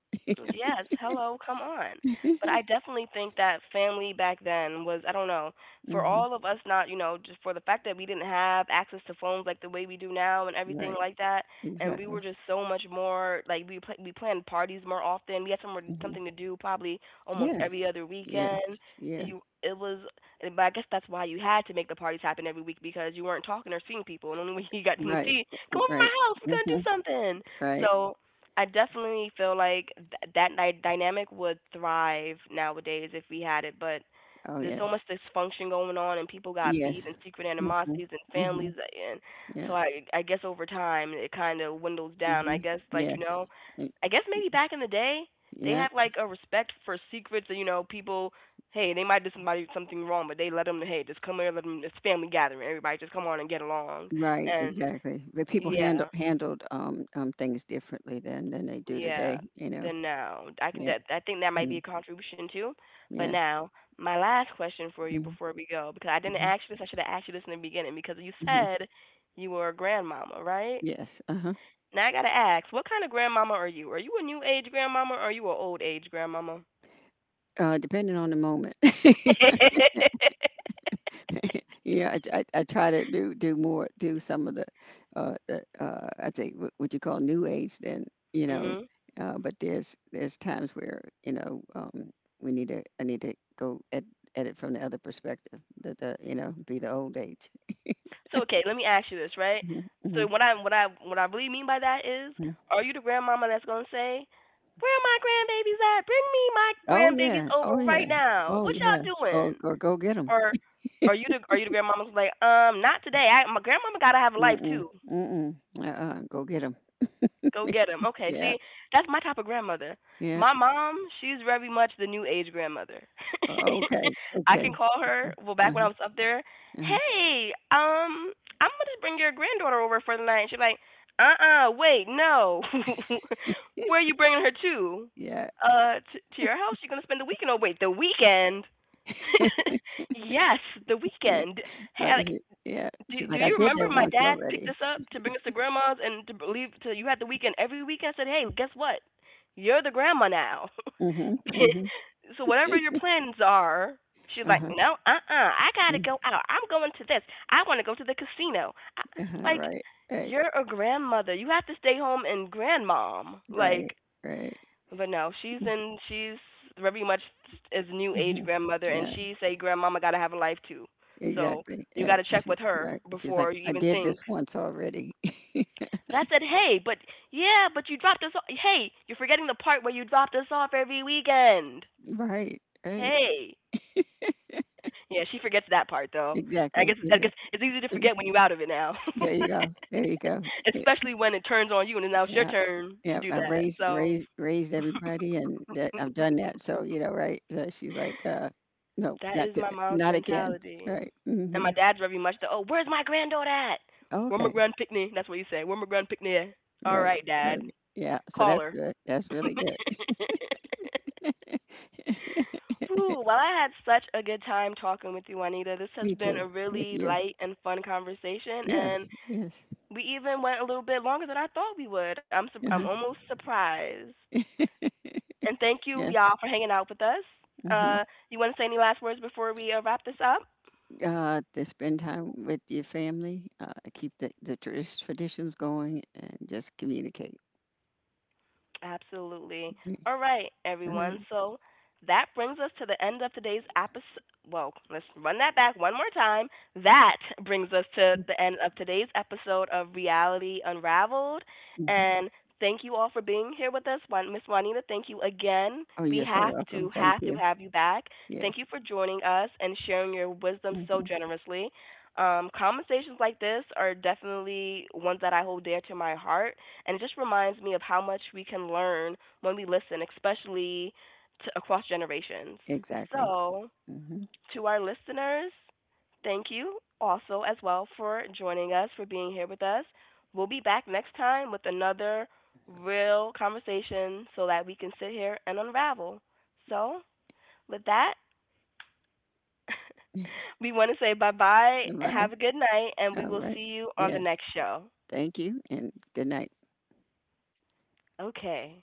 S1: Yes, hello, come on. But I
S2: [LAUGHS]
S1: definitely think that family back then was, I don't know, for
S2: Hmm.
S1: all of us, not, you know, just for the fact that we didn't have access to phones like the way we do now and everything
S2: Right.
S1: like that, and we were
S2: Exactly.
S1: just so much more like we planned parties more often. We had somewhere
S2: Hmm.
S1: something to do probably almost
S2: Yeah.
S1: every other
S2: Yes.
S1: weekend.
S2: Yeah.
S1: You it was, but I guess that's why you had to make the parties happen every week, because you weren't talking or seeing people, and only [LAUGHS] when you got them to
S2: Right.
S1: see, come over to my
S2: Right.
S1: house, we're gonna
S2: Hmm.
S1: do something.
S2: Right.
S1: So I definitely feel like dynamic would thrive nowadays if we had it, but
S2: Oh
S1: there's so
S2: yes.
S1: much dysfunction going on, and people got
S2: Yes.
S1: beef and secret animosities and
S2: Mm-hmm.
S1: families, and so
S2: Yeah.
S1: I guess over time it kind of dwindles down.
S2: Hmm.
S1: I guess
S2: Yes. Y-
S1: I guess maybe back in the day they
S2: Yeah.
S1: had like a respect for secrets, and you know people. Hey, they might do somebody something wrong, but they let them. Hey, just come here, let them. It's family gathering. Everybody just come on and get along.
S2: Right,
S1: And
S2: exactly. But people
S1: yeah,
S2: handled, things differently then than they do today,
S1: yeah,
S2: you know?
S1: then now I can.
S2: Yeah.
S1: That, I think that might be
S2: Mm,
S1: a contribution too. But
S2: yes.
S1: now, my last question for you
S2: Mhm,
S1: before we go, because I didn't
S2: mhm,
S1: ask you this. I should have asked you this in the beginning, because you
S2: mhm.
S1: said you were a grandmama, right?
S2: Yes, uh-huh.
S1: Now I gotta ask, what kind of grandmama are you? Are you a new age grandmama or are you an old age grandmama?
S2: Depending on the moment. [LAUGHS]
S1: [LAUGHS]
S2: Yeah, I try to do more, do some of the, I think what you call new age then, you know,
S1: Mhm.
S2: but there's times where, you know, I need to go at it from the other perspective, you know, be the old age.
S1: So okay, let me ask you this, right?
S2: Hmm. Hmm.
S1: So what I really mean by that is, are you the grandmama that's gonna say, "Where are my grandbabies at? Bring me my
S2: Oh,
S1: grandbabies
S2: yeah.
S1: over
S2: Oh, yeah.
S1: right now.
S2: Oh,
S1: What
S2: yeah.
S1: y'all
S2: Oh,
S1: doing?"
S2: go get 'em.
S1: Or are you the, are you the grandmama's like, not today. I, my grandmama gotta have a life
S2: Mm-mm.
S1: too.
S2: Mm-mm. Uh-uh. Go get 'em.
S1: Go get him. Okay,
S2: Yeah.
S1: see, that's my type of grandmother.
S2: Yeah.
S1: My mom, she's very much the new age grandmother.
S2: O Okay.
S1: [LAUGHS] I
S2: Okay.
S1: can call her. Well,
S2: Uh-huh,
S1: back when I was up there,
S2: uh-huh.
S1: hey, I'm gonna just bring your granddaughter over for the night. And she's like, uh-uh, wait, no. [LAUGHS] Where are you bringing her to?
S2: Yeah.
S1: To your house? You're gonna spend the weekend? Oh, wait, the weekend?
S2: [LAUGHS]
S1: [LAUGHS] Yes, the
S2: Yeah.
S1: weekend. Hey,
S2: Like,
S1: like,
S2: she Yeah.
S1: do
S2: She's
S1: do
S2: like, "I
S1: you
S2: did
S1: remember
S2: that
S1: my
S2: once
S1: dad picked
S2: already."
S1: us up to bring us to grandma's and to leave to you had the weekend every weekend? I said, hey, guess what? You're the grandma now.
S2: Mhm, mhm.
S1: [LAUGHS] So whatever your plans are, she's like,
S2: Uh-huh.
S1: no, uh, I gotta
S2: Mm.
S1: go out. I'm going to this. I wanna go to the casino. I,
S2: Uh-huh.
S1: like,
S2: Right. Right.
S1: you're a grandmother. You have to stay home and grandmom. Like,
S2: Right. Right.
S1: but no, she's in. She's very much is new age
S2: Mhm.
S1: grandmother, and
S2: Yeah.
S1: she say grandmama gotta have a life too. So
S2: Exactly.
S1: you
S2: Yeah.
S1: gotta check
S2: She
S1: with her
S2: right. She's like,
S1: before you
S2: "I
S1: even
S2: did
S1: think.
S2: this once already." [LAUGHS]
S1: But I said, hey, but yeah, but you dropped us. Off. Hey, you're forgetting the part where you dropped us off every weekend.
S2: Right. Right.
S1: Hey, yeah, she forgets that part though. I
S2: Exactly.
S1: guess I guess
S2: Exactly.
S1: it's easy to forget when you're out of it now,
S2: There you go. There you go.
S1: [LAUGHS] especially when it turns on you and now it's your
S2: Yeah,
S1: turn to
S2: yeah.
S1: do
S2: I've
S1: that.
S2: raised
S1: So.
S2: raised raised everybody, and that I've done that. So you know, right? So she's like, no,
S1: That
S2: not
S1: is my
S2: did
S1: mom's
S2: not again.
S1: mentality.
S2: Right.
S1: And
S2: Mm-hmm.
S1: my dad's very much the, oh, where's my granddaughter at? Where my
S2: Okay.
S1: grand picnic? That's what he said. Where my grand picnic at? All
S2: Right.
S1: right,
S2: Okay.
S1: dad,
S2: Yeah. So
S1: call
S2: that's
S1: her.
S2: good. That's really good.
S1: [LAUGHS]
S2: [LAUGHS]
S1: Whew, well, I had such a good time talking with you, Juanita. This has
S2: Me
S1: been a
S2: too. With
S1: really
S2: you.
S1: light and fun conversation, and
S2: Yes. Yes.
S1: we even went a little bit longer than I thought we would. I'm
S2: uh
S1: almost surprised. And thank you,
S2: Yes.
S1: y'all, for hanging out with us.
S2: Hmm.
S1: Uh, you want to say any last words before we wrap this up?
S2: To spend time with your family, keep the traditions going, and just communicate.
S1: Absolutely.
S2: Mm.
S1: All right,
S2: All right.
S1: everyone. So that brings us to the end of today's episode. Well, let's run that back one more time. That brings us to the end of today's episode of Reality Unraveled.
S2: Mhm.
S1: And thank you all for being here with us. Juan- Miss Juanita, thank you again.
S2: Oh,
S1: We
S2: you're so
S1: have
S2: welcome.
S1: to,
S2: Thank
S1: have to
S2: you.
S1: have you back. Thank you
S2: Yes.
S1: for joining us and sharing your wisdom so
S2: Hmm.
S1: generously. Conversations like this are definitely ones that I hold dear to my heart, and it just reminds me of how much we can learn when we listen, especially to, across generations.
S2: Exactly.
S1: So,
S2: Hmm.
S1: to our listeners, thank you also as well for joining us, for being here with us. We'll be back next time with another real conversation so that we can sit here and unravel. So, with that,
S2: [LAUGHS]
S1: [LAUGHS] we want to say bye bye,
S2: Goodbye.
S1: have a good night, and we
S2: All
S1: will see
S2: right.
S1: you on the
S2: Yes.
S1: next show.
S2: Thank you and good night.
S1: Okay.